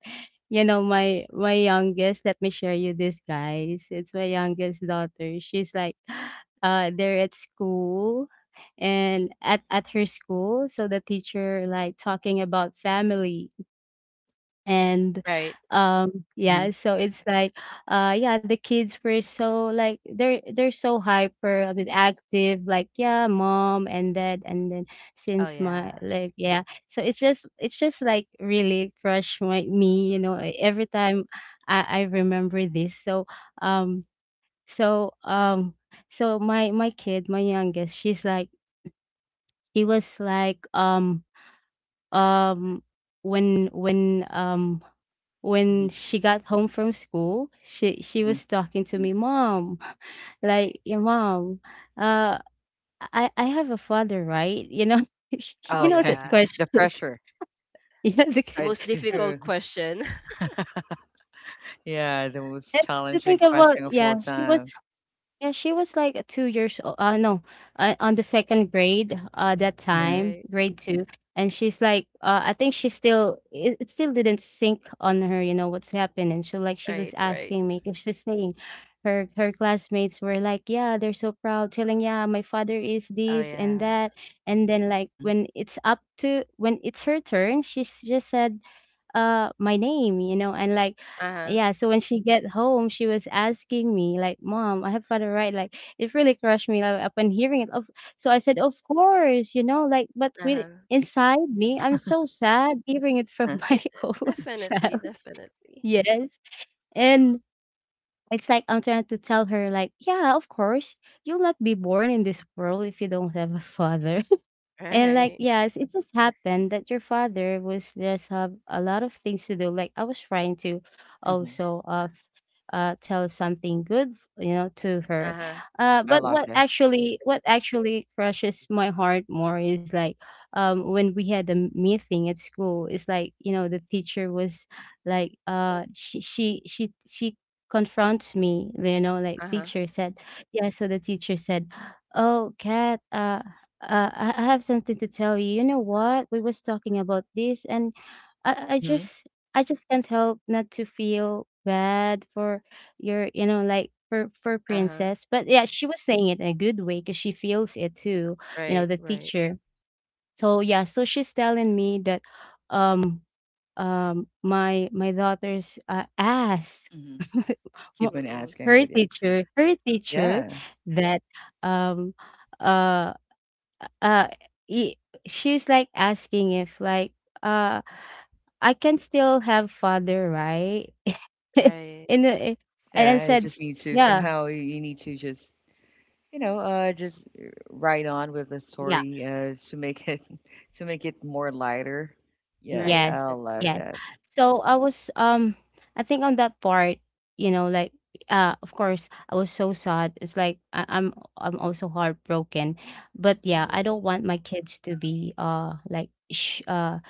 Speaker 2: you know, my youngest, let me share you this, guys. It's my youngest daughter. She's like they're at school, and at her school, so the teacher, like, talking about family, and
Speaker 3: Right.
Speaker 1: Hmm.
Speaker 2: yeah, so it's like, yeah, the kids were so, like, they're so hyper, I mean active, like, yeah, mom and dad. And then
Speaker 3: Oh
Speaker 2: since my,
Speaker 3: yeah.
Speaker 2: like, yeah, so it's just like really crush my me, you know, every time I remember this. So um so um my youngest, she's like, she was like, um when when um when
Speaker 1: Hmm.
Speaker 2: she got home from school, she
Speaker 1: Hmm.
Speaker 2: was talking to me, "Mom, like, your mom, uh, I have a father, right?" You know,
Speaker 1: Oh,
Speaker 3: Oh
Speaker 2: you know
Speaker 1: okay.
Speaker 2: that
Speaker 3: yeah.
Speaker 1: The
Speaker 2: question.
Speaker 1: pressure
Speaker 2: Yeah,
Speaker 3: The most
Speaker 1: starts to.
Speaker 3: difficult question.
Speaker 1: Yeah, the most
Speaker 2: and to
Speaker 1: challenging
Speaker 2: think about,
Speaker 1: question of all
Speaker 2: yeah, she was
Speaker 1: time.
Speaker 2: yeah, she was like, 2 years old. No, on the second grade, that
Speaker 1: Hmm.
Speaker 2: time,
Speaker 3: Right.
Speaker 2: grade two. And she's like, I think she still, it still didn't sink on her, you know, what's happening. So, like, she was
Speaker 3: Right. Right.
Speaker 2: asking me, because she's saying her classmates were like, yeah, they're so proud, telling, yeah, my father is
Speaker 3: Oh
Speaker 2: this and
Speaker 3: yeah.
Speaker 2: that. And then, like, when it's up to, when it's her turn, she just said, my name, you know, and, like,
Speaker 3: Uh
Speaker 2: yeah,
Speaker 3: huh.
Speaker 2: so when she get home, she was asking me, like, "Mom, I have father, right?" Like, it really crushed me, like, upon hearing it. Of So I said, "Of course," you know, like, but
Speaker 3: Uh
Speaker 2: with
Speaker 3: huh.
Speaker 2: inside me, I'm
Speaker 1: Hmm.
Speaker 2: so sad hearing it from my
Speaker 3: It
Speaker 2: own
Speaker 3: definitely,
Speaker 2: child.
Speaker 3: definitely.
Speaker 2: Yes. And it's like I'm trying to tell her, like, yeah, of course you'll not be born in this world if you don't have a father, and, like,
Speaker 3: Right.
Speaker 2: yes, it just happened that your father was just have a lot of things to do. Like, I was trying to
Speaker 1: Mhm.
Speaker 2: also tell something good, you know, to
Speaker 3: Uh
Speaker 2: her.
Speaker 3: huh.
Speaker 1: I
Speaker 2: But
Speaker 1: love
Speaker 2: what
Speaker 1: that.
Speaker 2: actually what actually crushes my heart more is, like, when we had a meeting at school, it's like, you know, the teacher was, like, she confronts me, you know, like,
Speaker 3: Uh huh.
Speaker 2: teacher said, yeah, so the teacher said, "Oh, Kat, I have something to tell you. You know what? We was talking about this, and I, I
Speaker 1: Mhm,
Speaker 2: just, I just can't help not to feel bad for your, you know, like, for
Speaker 3: Uh huh.
Speaker 2: Princess." But yeah, she was saying it in a good way because she feels it too. You know,
Speaker 3: Right.
Speaker 2: the
Speaker 3: Right.
Speaker 2: teacher. So yeah, so she's telling me that, um, my daughter's, asked
Speaker 1: mhm.
Speaker 2: mo-
Speaker 1: Keep on
Speaker 3: Mm-mm.
Speaker 1: asking, but yeah.
Speaker 2: her teacher,
Speaker 1: Yeah.
Speaker 2: that, um, uh uh i- she's like asking if, like, uh I can still have father, right?
Speaker 3: Right.
Speaker 2: In the, eh, and I
Speaker 1: Yeah, I
Speaker 2: said,
Speaker 1: just need to
Speaker 2: yeah,
Speaker 1: somehow you need to just, you know, just ride on with the
Speaker 2: yeah,
Speaker 1: story, to make it to make it more lighter. Yeah,
Speaker 3: Right.
Speaker 1: I
Speaker 2: yes,
Speaker 3: That's
Speaker 1: love
Speaker 3: true.
Speaker 2: yes.
Speaker 1: that.
Speaker 2: So I was, I think on that part, you know, like, of course I was so sad. It's like I'm also heartbroken. But yeah, I
Speaker 3: Mhm.
Speaker 2: don't want my kids to be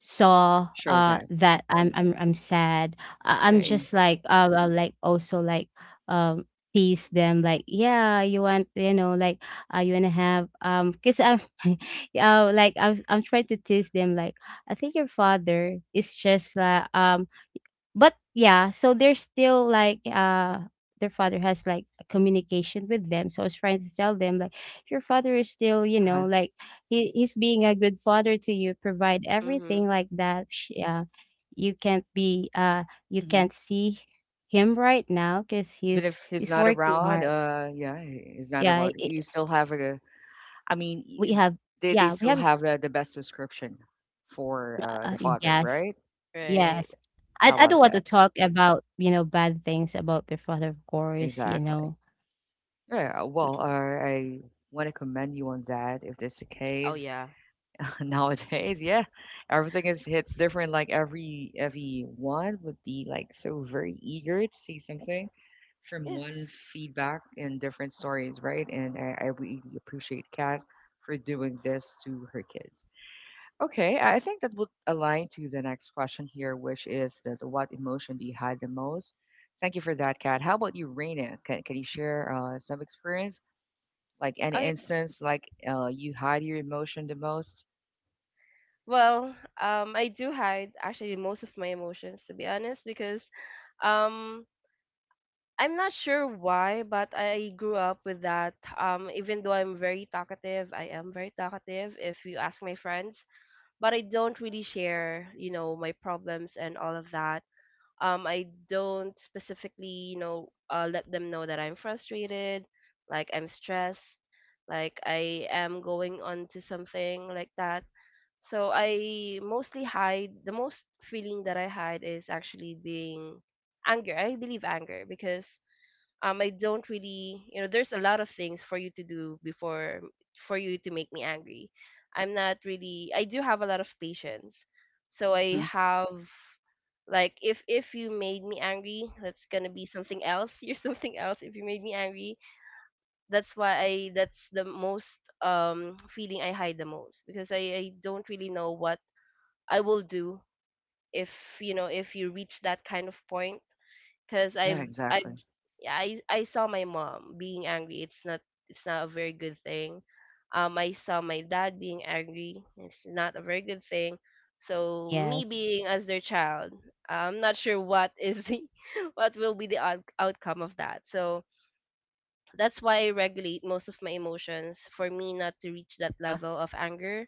Speaker 2: saw
Speaker 1: Show that.
Speaker 2: that I'm sad. I'm
Speaker 3: Right.
Speaker 1: Mhm.
Speaker 2: just like, like, also like, um tease them, like, yeah, you want, you know, like, you wanna have, because I'm like I'm, trying to tease them, like, I think your father is just like, but yeah, so they're still like, their father has like a communication with them. So I was trying to tell them, like, your father is still, you
Speaker 1: Uh-huh.
Speaker 2: know, like, he's being a good father to you, provide
Speaker 3: Mhm.
Speaker 2: everything, like that. You can't be you
Speaker 1: Mhm.
Speaker 2: can't see him right now because
Speaker 1: Even
Speaker 2: he's
Speaker 1: if he's
Speaker 2: he's
Speaker 1: not
Speaker 2: working
Speaker 1: around,
Speaker 2: hard.
Speaker 1: yeah, he's not
Speaker 2: Yeah,
Speaker 1: around.
Speaker 2: I
Speaker 1: You still have a, I mean,
Speaker 2: we have,
Speaker 1: they
Speaker 2: yeah, we
Speaker 1: still
Speaker 2: have,
Speaker 1: have the best description for the father,
Speaker 2: yes,
Speaker 1: right? Mhm.
Speaker 3: Right.
Speaker 2: yes.
Speaker 1: I
Speaker 2: I
Speaker 1: love
Speaker 2: don't want to
Speaker 1: that.
Speaker 2: talk about, you know, bad things about their father, of course, you
Speaker 1: Exactly.
Speaker 2: know.
Speaker 1: Yeah, I want to commend you on that if that's the
Speaker 3: Oh
Speaker 1: case.
Speaker 3: yeah.
Speaker 1: Nowadays, yeah, everything is hits different. Like everyone would be like so very eager to see something from
Speaker 3: Yes.
Speaker 1: one feedback and different stories, right? And I really appreciate Kat for doing this to her kids. Okay, I think that would align to the next question here, which is that what emotion do you hide the most? Thank you for that, Kat. How about you, Raina? Can you share some experience, like any
Speaker 3: Oh yeah.
Speaker 1: instance, like you hide your emotion the most?
Speaker 3: Well, I do hide actually most of my emotions, to be honest, because, um, I'm not sure why, but I grew up with that. Even though I'm very talkative, I am very talkative if you ask my friends, but I don't really share, you know, my problems and all of that. I don't specifically, you know, let them know that I'm frustrated, like I'm stressed, like I am going on to something like that. So I mostly hide, the most feeling that I hide is actually being anger. I believe anger because I don't really, you know, there's a lot of things for you to do before for you to make me angry. I'm not really, I do have a lot of patience. So I
Speaker 1: Hmm.
Speaker 3: have like, if you made me angry, that's gonna be something else. You're something else if you made me angry. That's why I that's the most feeling I hide the most, because I don't really know what I will do if, you know, if you reach that kind of point, because
Speaker 1: Yeah,
Speaker 3: I've
Speaker 1: exactly.
Speaker 3: yeah, I saw my mom being angry. It's not, it's not a very good thing. I saw my dad being angry. It's not a very good thing. So me
Speaker 2: Yes.
Speaker 3: being as their child, I'm not sure what is the what will be the outcome of that. So that's why I regulate most of my emotions for me not to reach that
Speaker 1: Uh-huh.
Speaker 3: level of anger,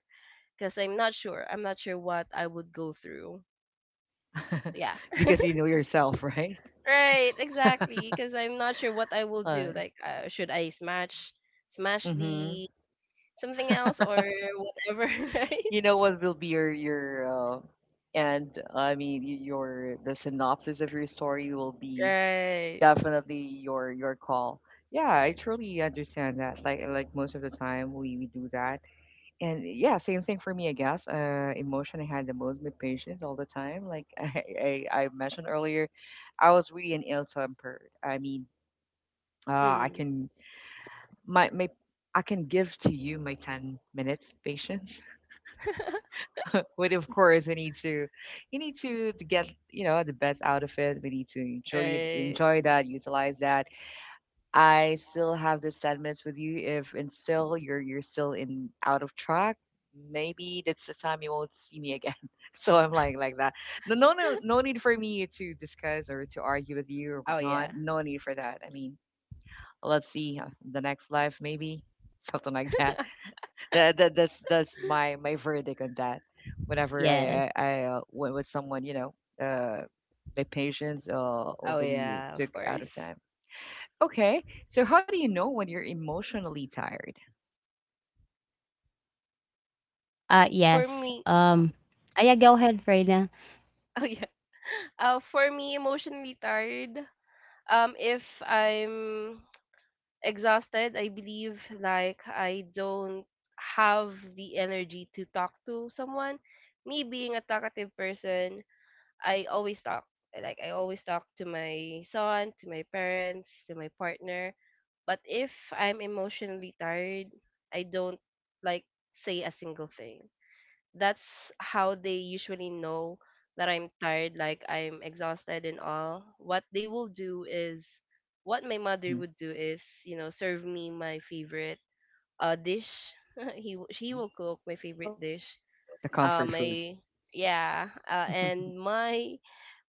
Speaker 3: because I'm not sure. I'm not sure what I would go through. Yeah.
Speaker 1: Because you know yourself, right?
Speaker 3: Right, exactly. Because I'm not sure what I will do.
Speaker 1: Uh,
Speaker 3: Like, should I smash, smash
Speaker 1: mm-hmm.
Speaker 3: the something else or whatever? Right.
Speaker 1: You know what will be your and I mean your the synopsis of your story will be
Speaker 3: Right.
Speaker 1: definitely your call. Yeah, I truly understand that. Like most of the time we do that, and yeah, same thing for me, I guess. Emotion I had the most with patients all the time. Like I mentioned earlier I was really an ill-tempered, I mean, I
Speaker 3: Mm.
Speaker 1: can my my I can give to you my 10-minute minutes patience. But of course, we need to, you need to get, you know, the best out of it. We need to enjoy it,
Speaker 3: Right.
Speaker 1: enjoy that, utilize that. I still have this sadness with you, if and still you're still in out of track. Maybe that's the time you won't see me again. So I'm like that. No no no no need for me to discuss or to argue with you or
Speaker 3: Oh yeah.
Speaker 1: whatnot. No need for that. I mean, let's see the next life maybe. Something like that. That's my my verdict on that. Whenever
Speaker 2: Yes.
Speaker 1: I went with someone, you know, uh, my patience
Speaker 3: Oh
Speaker 1: already
Speaker 3: yeah. Of
Speaker 1: took
Speaker 3: course.
Speaker 1: out of time. Okay. So how do you know when you're emotionally tired?
Speaker 3: For
Speaker 2: Yes.
Speaker 3: me. Oh.
Speaker 2: Yeah, go ahead, Freda.
Speaker 3: Oh yeah. For me, emotionally tired. If I'm exhausted, I believe like I don't have the energy to talk to someone. Me being a talkative person, I always talk. I Like I always talk to my son, to my parents, to my partner. But if I'm emotionally tired, I don't like say a single thing. That's how they usually know that I'm tired, like I'm exhausted and all. What they will do is what my mother
Speaker 1: Hmm.
Speaker 3: would do is, you know, serve me my favorite dish. She
Speaker 1: Hmm.
Speaker 3: will cook my favorite dish.
Speaker 1: The
Speaker 3: Uh
Speaker 1: comfort food.
Speaker 3: my yeah, and my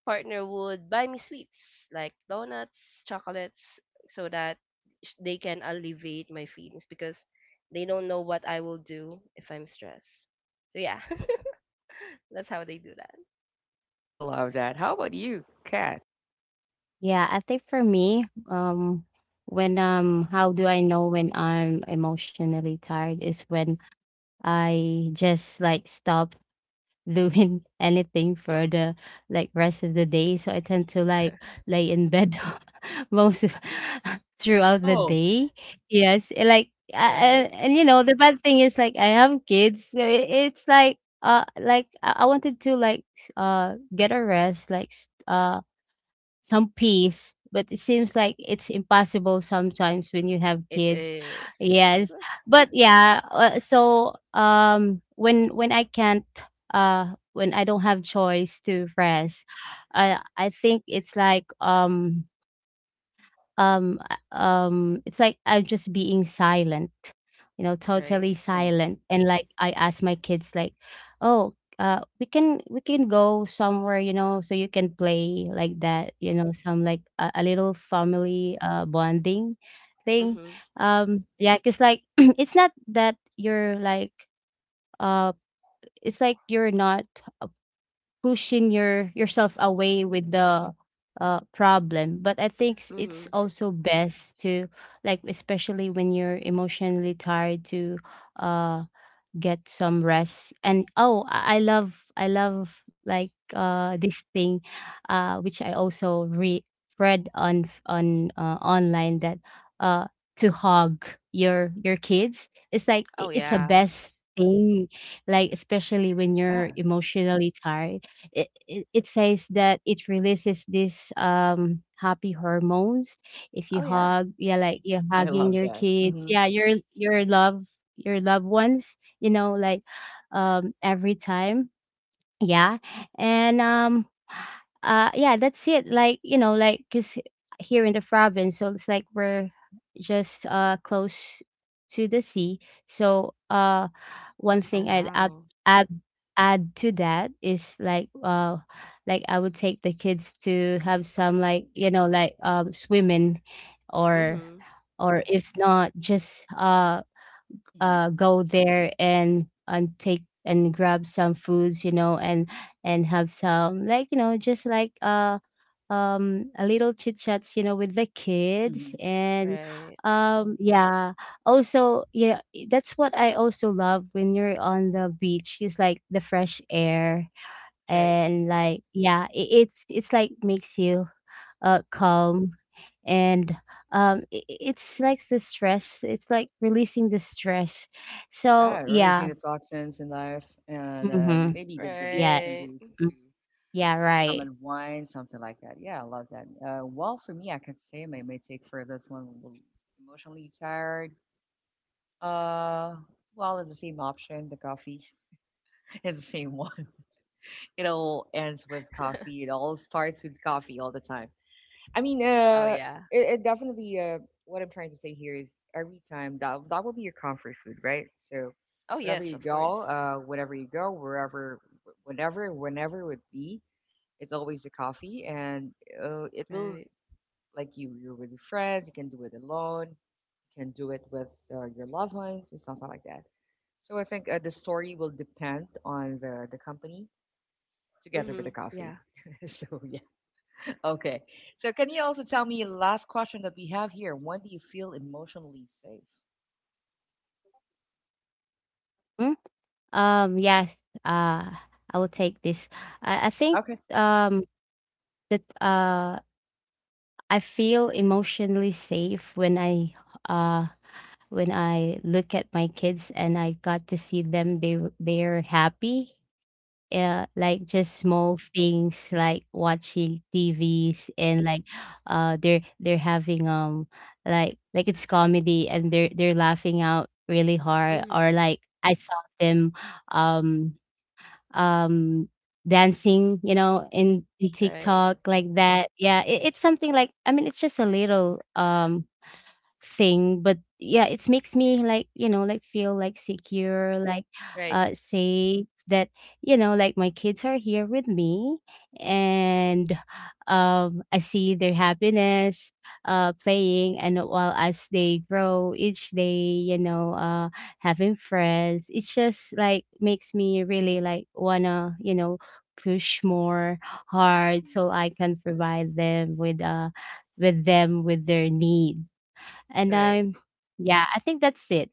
Speaker 3: partner would buy me sweets like donuts, chocolates, so that they can alleviate my feelings because they don't know what I will do if I'm stressed. So yeah, that's how they do that.
Speaker 1: I love that. How about you, Kat?
Speaker 2: Yeah, I think for me, when, how do I know when I'm emotionally tired is when I just, like, stop doing anything for the, like, rest of the day. So I tend to, like, lay in bed most of, throughout the
Speaker 1: Oh,
Speaker 2: day. Yes, and, like
Speaker 3: Right.
Speaker 2: and you know the bad thing is like I have kids, so it's like I wanted to like get a rest, like some peace, but it seems like it's impossible sometimes when you have
Speaker 3: It
Speaker 2: kids
Speaker 3: is.
Speaker 2: yes. But when I can't when I don't have choice to rest, I think it's like I'm just being silent, you know,
Speaker 3: Right.
Speaker 2: totally
Speaker 1: oh,
Speaker 2: silent. And like I
Speaker 1: oh.
Speaker 2: ask my kids like, oh, we can go somewhere, you know, so you can play, like that, you know, some like a little family bonding thing.
Speaker 3: Mhm.
Speaker 2: Um, yeah, because like it's not that you're uh it's like you're not pushing your yourself away with the problem, but I think it's
Speaker 3: Mhm.
Speaker 2: also best to like, especially when you're emotionally tired, to uh get some rest. And oh, I I love, I love like this thing which I also read on online, that uh to hug your kids, it's like
Speaker 3: Oh
Speaker 2: it's a
Speaker 3: yeah.
Speaker 2: best thing, like especially when you're
Speaker 1: Yeah,
Speaker 2: emotionally tired. It says that it releases this happy hormones if
Speaker 3: Oh
Speaker 2: you
Speaker 3: yeah.
Speaker 2: hug, yeah, like you're
Speaker 1: I
Speaker 2: hugging
Speaker 1: love
Speaker 2: your
Speaker 1: that.
Speaker 2: kids,
Speaker 1: Hmm.
Speaker 2: yeah, your love, your loved ones, you know, like every time. Yeah. And yeah, that's it. Like, you know, like cuz here in the province, so it's like we're just close to the sea. So one
Speaker 3: Oh
Speaker 2: thing I'd
Speaker 3: wow.
Speaker 2: add add to that is like I would take the kids to have some, like, you know, like swimming, or
Speaker 3: Mhm.
Speaker 2: or if not, just
Speaker 1: Hmm.
Speaker 2: go there and take and grab some foods, you know, and have some, like, you know, just like a little chit chats, you know, with the kids.
Speaker 1: Hmm.
Speaker 2: And
Speaker 3: Right.
Speaker 2: yeah, also, yeah, that's what I also love when you're on the beach, is like the fresh air
Speaker 3: Right.
Speaker 2: and like, yeah, it's it's like makes you calm and it's like the stress. It's like releasing the stress. So
Speaker 1: Yeah,
Speaker 2: yeah.
Speaker 1: releasing the toxins in life, and
Speaker 2: Mm-hmm.
Speaker 1: maybe the
Speaker 3: Right.
Speaker 1: least we can
Speaker 2: Yes.
Speaker 1: do is
Speaker 2: Mm.
Speaker 1: to
Speaker 2: Yeah. Right.
Speaker 1: summon wine, something like that. Yeah, I love that. Well, for me, I can say my, my take for this one will emotionally tired. Uh, well, it's the same option. The coffee is the same one. It all ends with coffee. It all starts with coffee all the time. I mean,
Speaker 3: Oh yeah.
Speaker 1: it definitely. What I'm trying to say here is every time that that will be your comfort food, right? So,
Speaker 3: Oh yes, of course.
Speaker 1: whenever you go, wherever, whenever, whenever it would be, it's always the coffee, and it will
Speaker 3: Right.
Speaker 1: like you. You're with your friends. You can do it alone. You can do it with your loved ones and something like that. So I think the story will depend on the company together
Speaker 3: Mhm.
Speaker 1: with a
Speaker 3: Yeah.
Speaker 1: coffee. So yeah, okay. So can you also tell me last question that we have here? When do you feel emotionally safe?
Speaker 2: Mm. Yes. Uh. I will take this. I think
Speaker 1: Okay.
Speaker 2: um that I feel emotionally safe uh when I look at my kids and I got to see them. They're happy. Yeah, like just small things, like watching TVs and like they're having like it's comedy and they're laughing out really hard, or
Speaker 3: Mhm.
Speaker 2: like I saw them um um dancing, you know, in
Speaker 3: Right.
Speaker 2: TikTok, like that. Yeah, it's something like, I mean, it's just a little thing, but yeah, it makes me like, you know, like feel like secure, like
Speaker 3: Right.
Speaker 2: safe, that, you know, like my kids are here with me. And I see their happiness, playing, and while as they grow each day, you know, having friends, it just like makes me really like wanna, you know, push more hard
Speaker 1: Mhm.
Speaker 2: so I can provide them with their needs. And
Speaker 3: Right.
Speaker 2: I'm, yeah, I think that's it.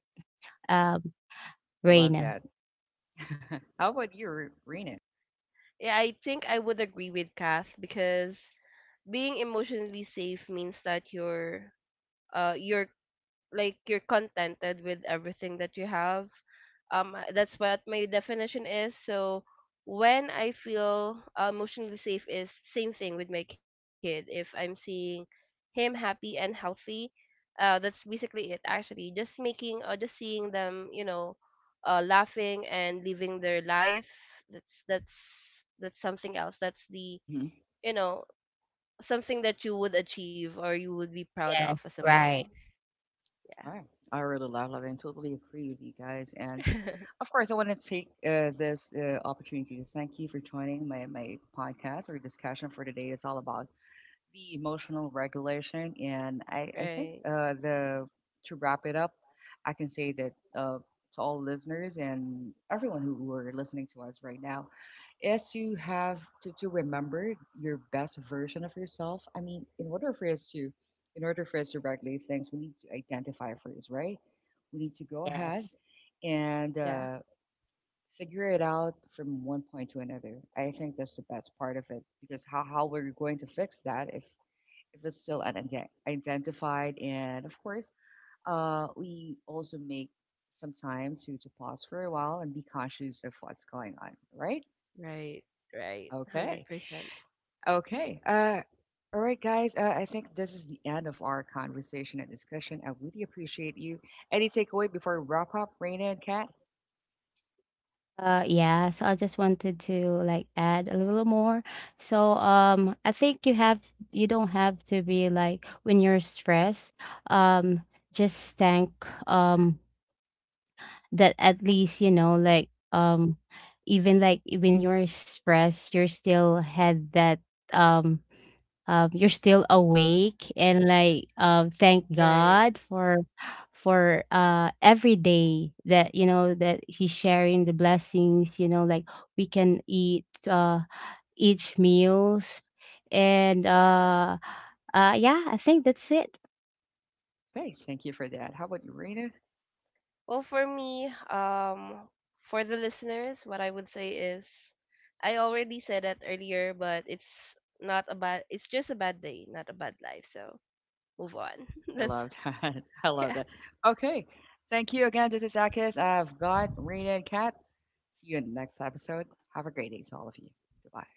Speaker 2: Um,
Speaker 1: Oh, I love
Speaker 2: Rain.
Speaker 1: that. How about you, Rena?
Speaker 3: Yeah, I think I would agree with Kath, because being emotionally safe means that uh you're you're contented with everything that you have, that's what my definition is. So when I feel emotionally safe, is same thing with my kid, if I'm seeing him happy and healthy, that's basically it, actually, just making or just seeing them, you know, laughing and living their life, that's that's something else, that's the,
Speaker 1: Mm-hmm.
Speaker 3: you know, something that you would achieve or you would be proud of
Speaker 2: Yes,
Speaker 3: as a mom.
Speaker 2: right.
Speaker 1: All right. I really love, love, and totally agree with you guys. And
Speaker 3: Yeah.
Speaker 1: of course, I want to take this opportunity to thank you for joining my, my podcast or discussion for today. It's all about the emotional regulation. And I think
Speaker 3: Right.
Speaker 1: the to wrap it up, I can say that to all listeners and everyone who are listening to us right now, is to have to remember your best version of yourself. I mean, in order for us to in order for us to regulate things, we need to identify first, right? We need to go ahead
Speaker 2: Yes.
Speaker 1: and
Speaker 3: Yeah,
Speaker 1: figure it out from one point to another. I think that's the best part of it because how we're going to fix that if it's still unidentified. And of course, we also make some time to pause for a while and be conscious of what's going on, right?
Speaker 3: right, right, hundred
Speaker 1: Okay.
Speaker 3: percent,
Speaker 1: Okay. All right, guys. I think this is the end of our conversation and discussion. I really appreciate you. Any takeaway before we wrap up, Raina and Kat?
Speaker 2: Yeah, so I just wanted to like add a little more. So, I think you don't have to be like, when you're stressed, um, just thank um that at least, you know, like even like when you're stressed, you're still had that um you're still awake, and like thank
Speaker 3: right.
Speaker 2: God for every day, that you know that He's sharing the blessings. You know, like we can eat each meals, and yeah, I think that's it.
Speaker 1: Okay. Thank you for that. How about you, Raina?
Speaker 3: Well, for me, for the listeners, what I would say is, I already said that earlier, but it's not a bad. It's just a bad day, not a bad life. So move on.
Speaker 1: I
Speaker 3: That's
Speaker 1: love that. I love
Speaker 3: yeah.
Speaker 1: that. Okay. Thank you again. This is Akis. I've got Rena and Kat. See you in the next episode. Have a great day to all of you. Goodbye.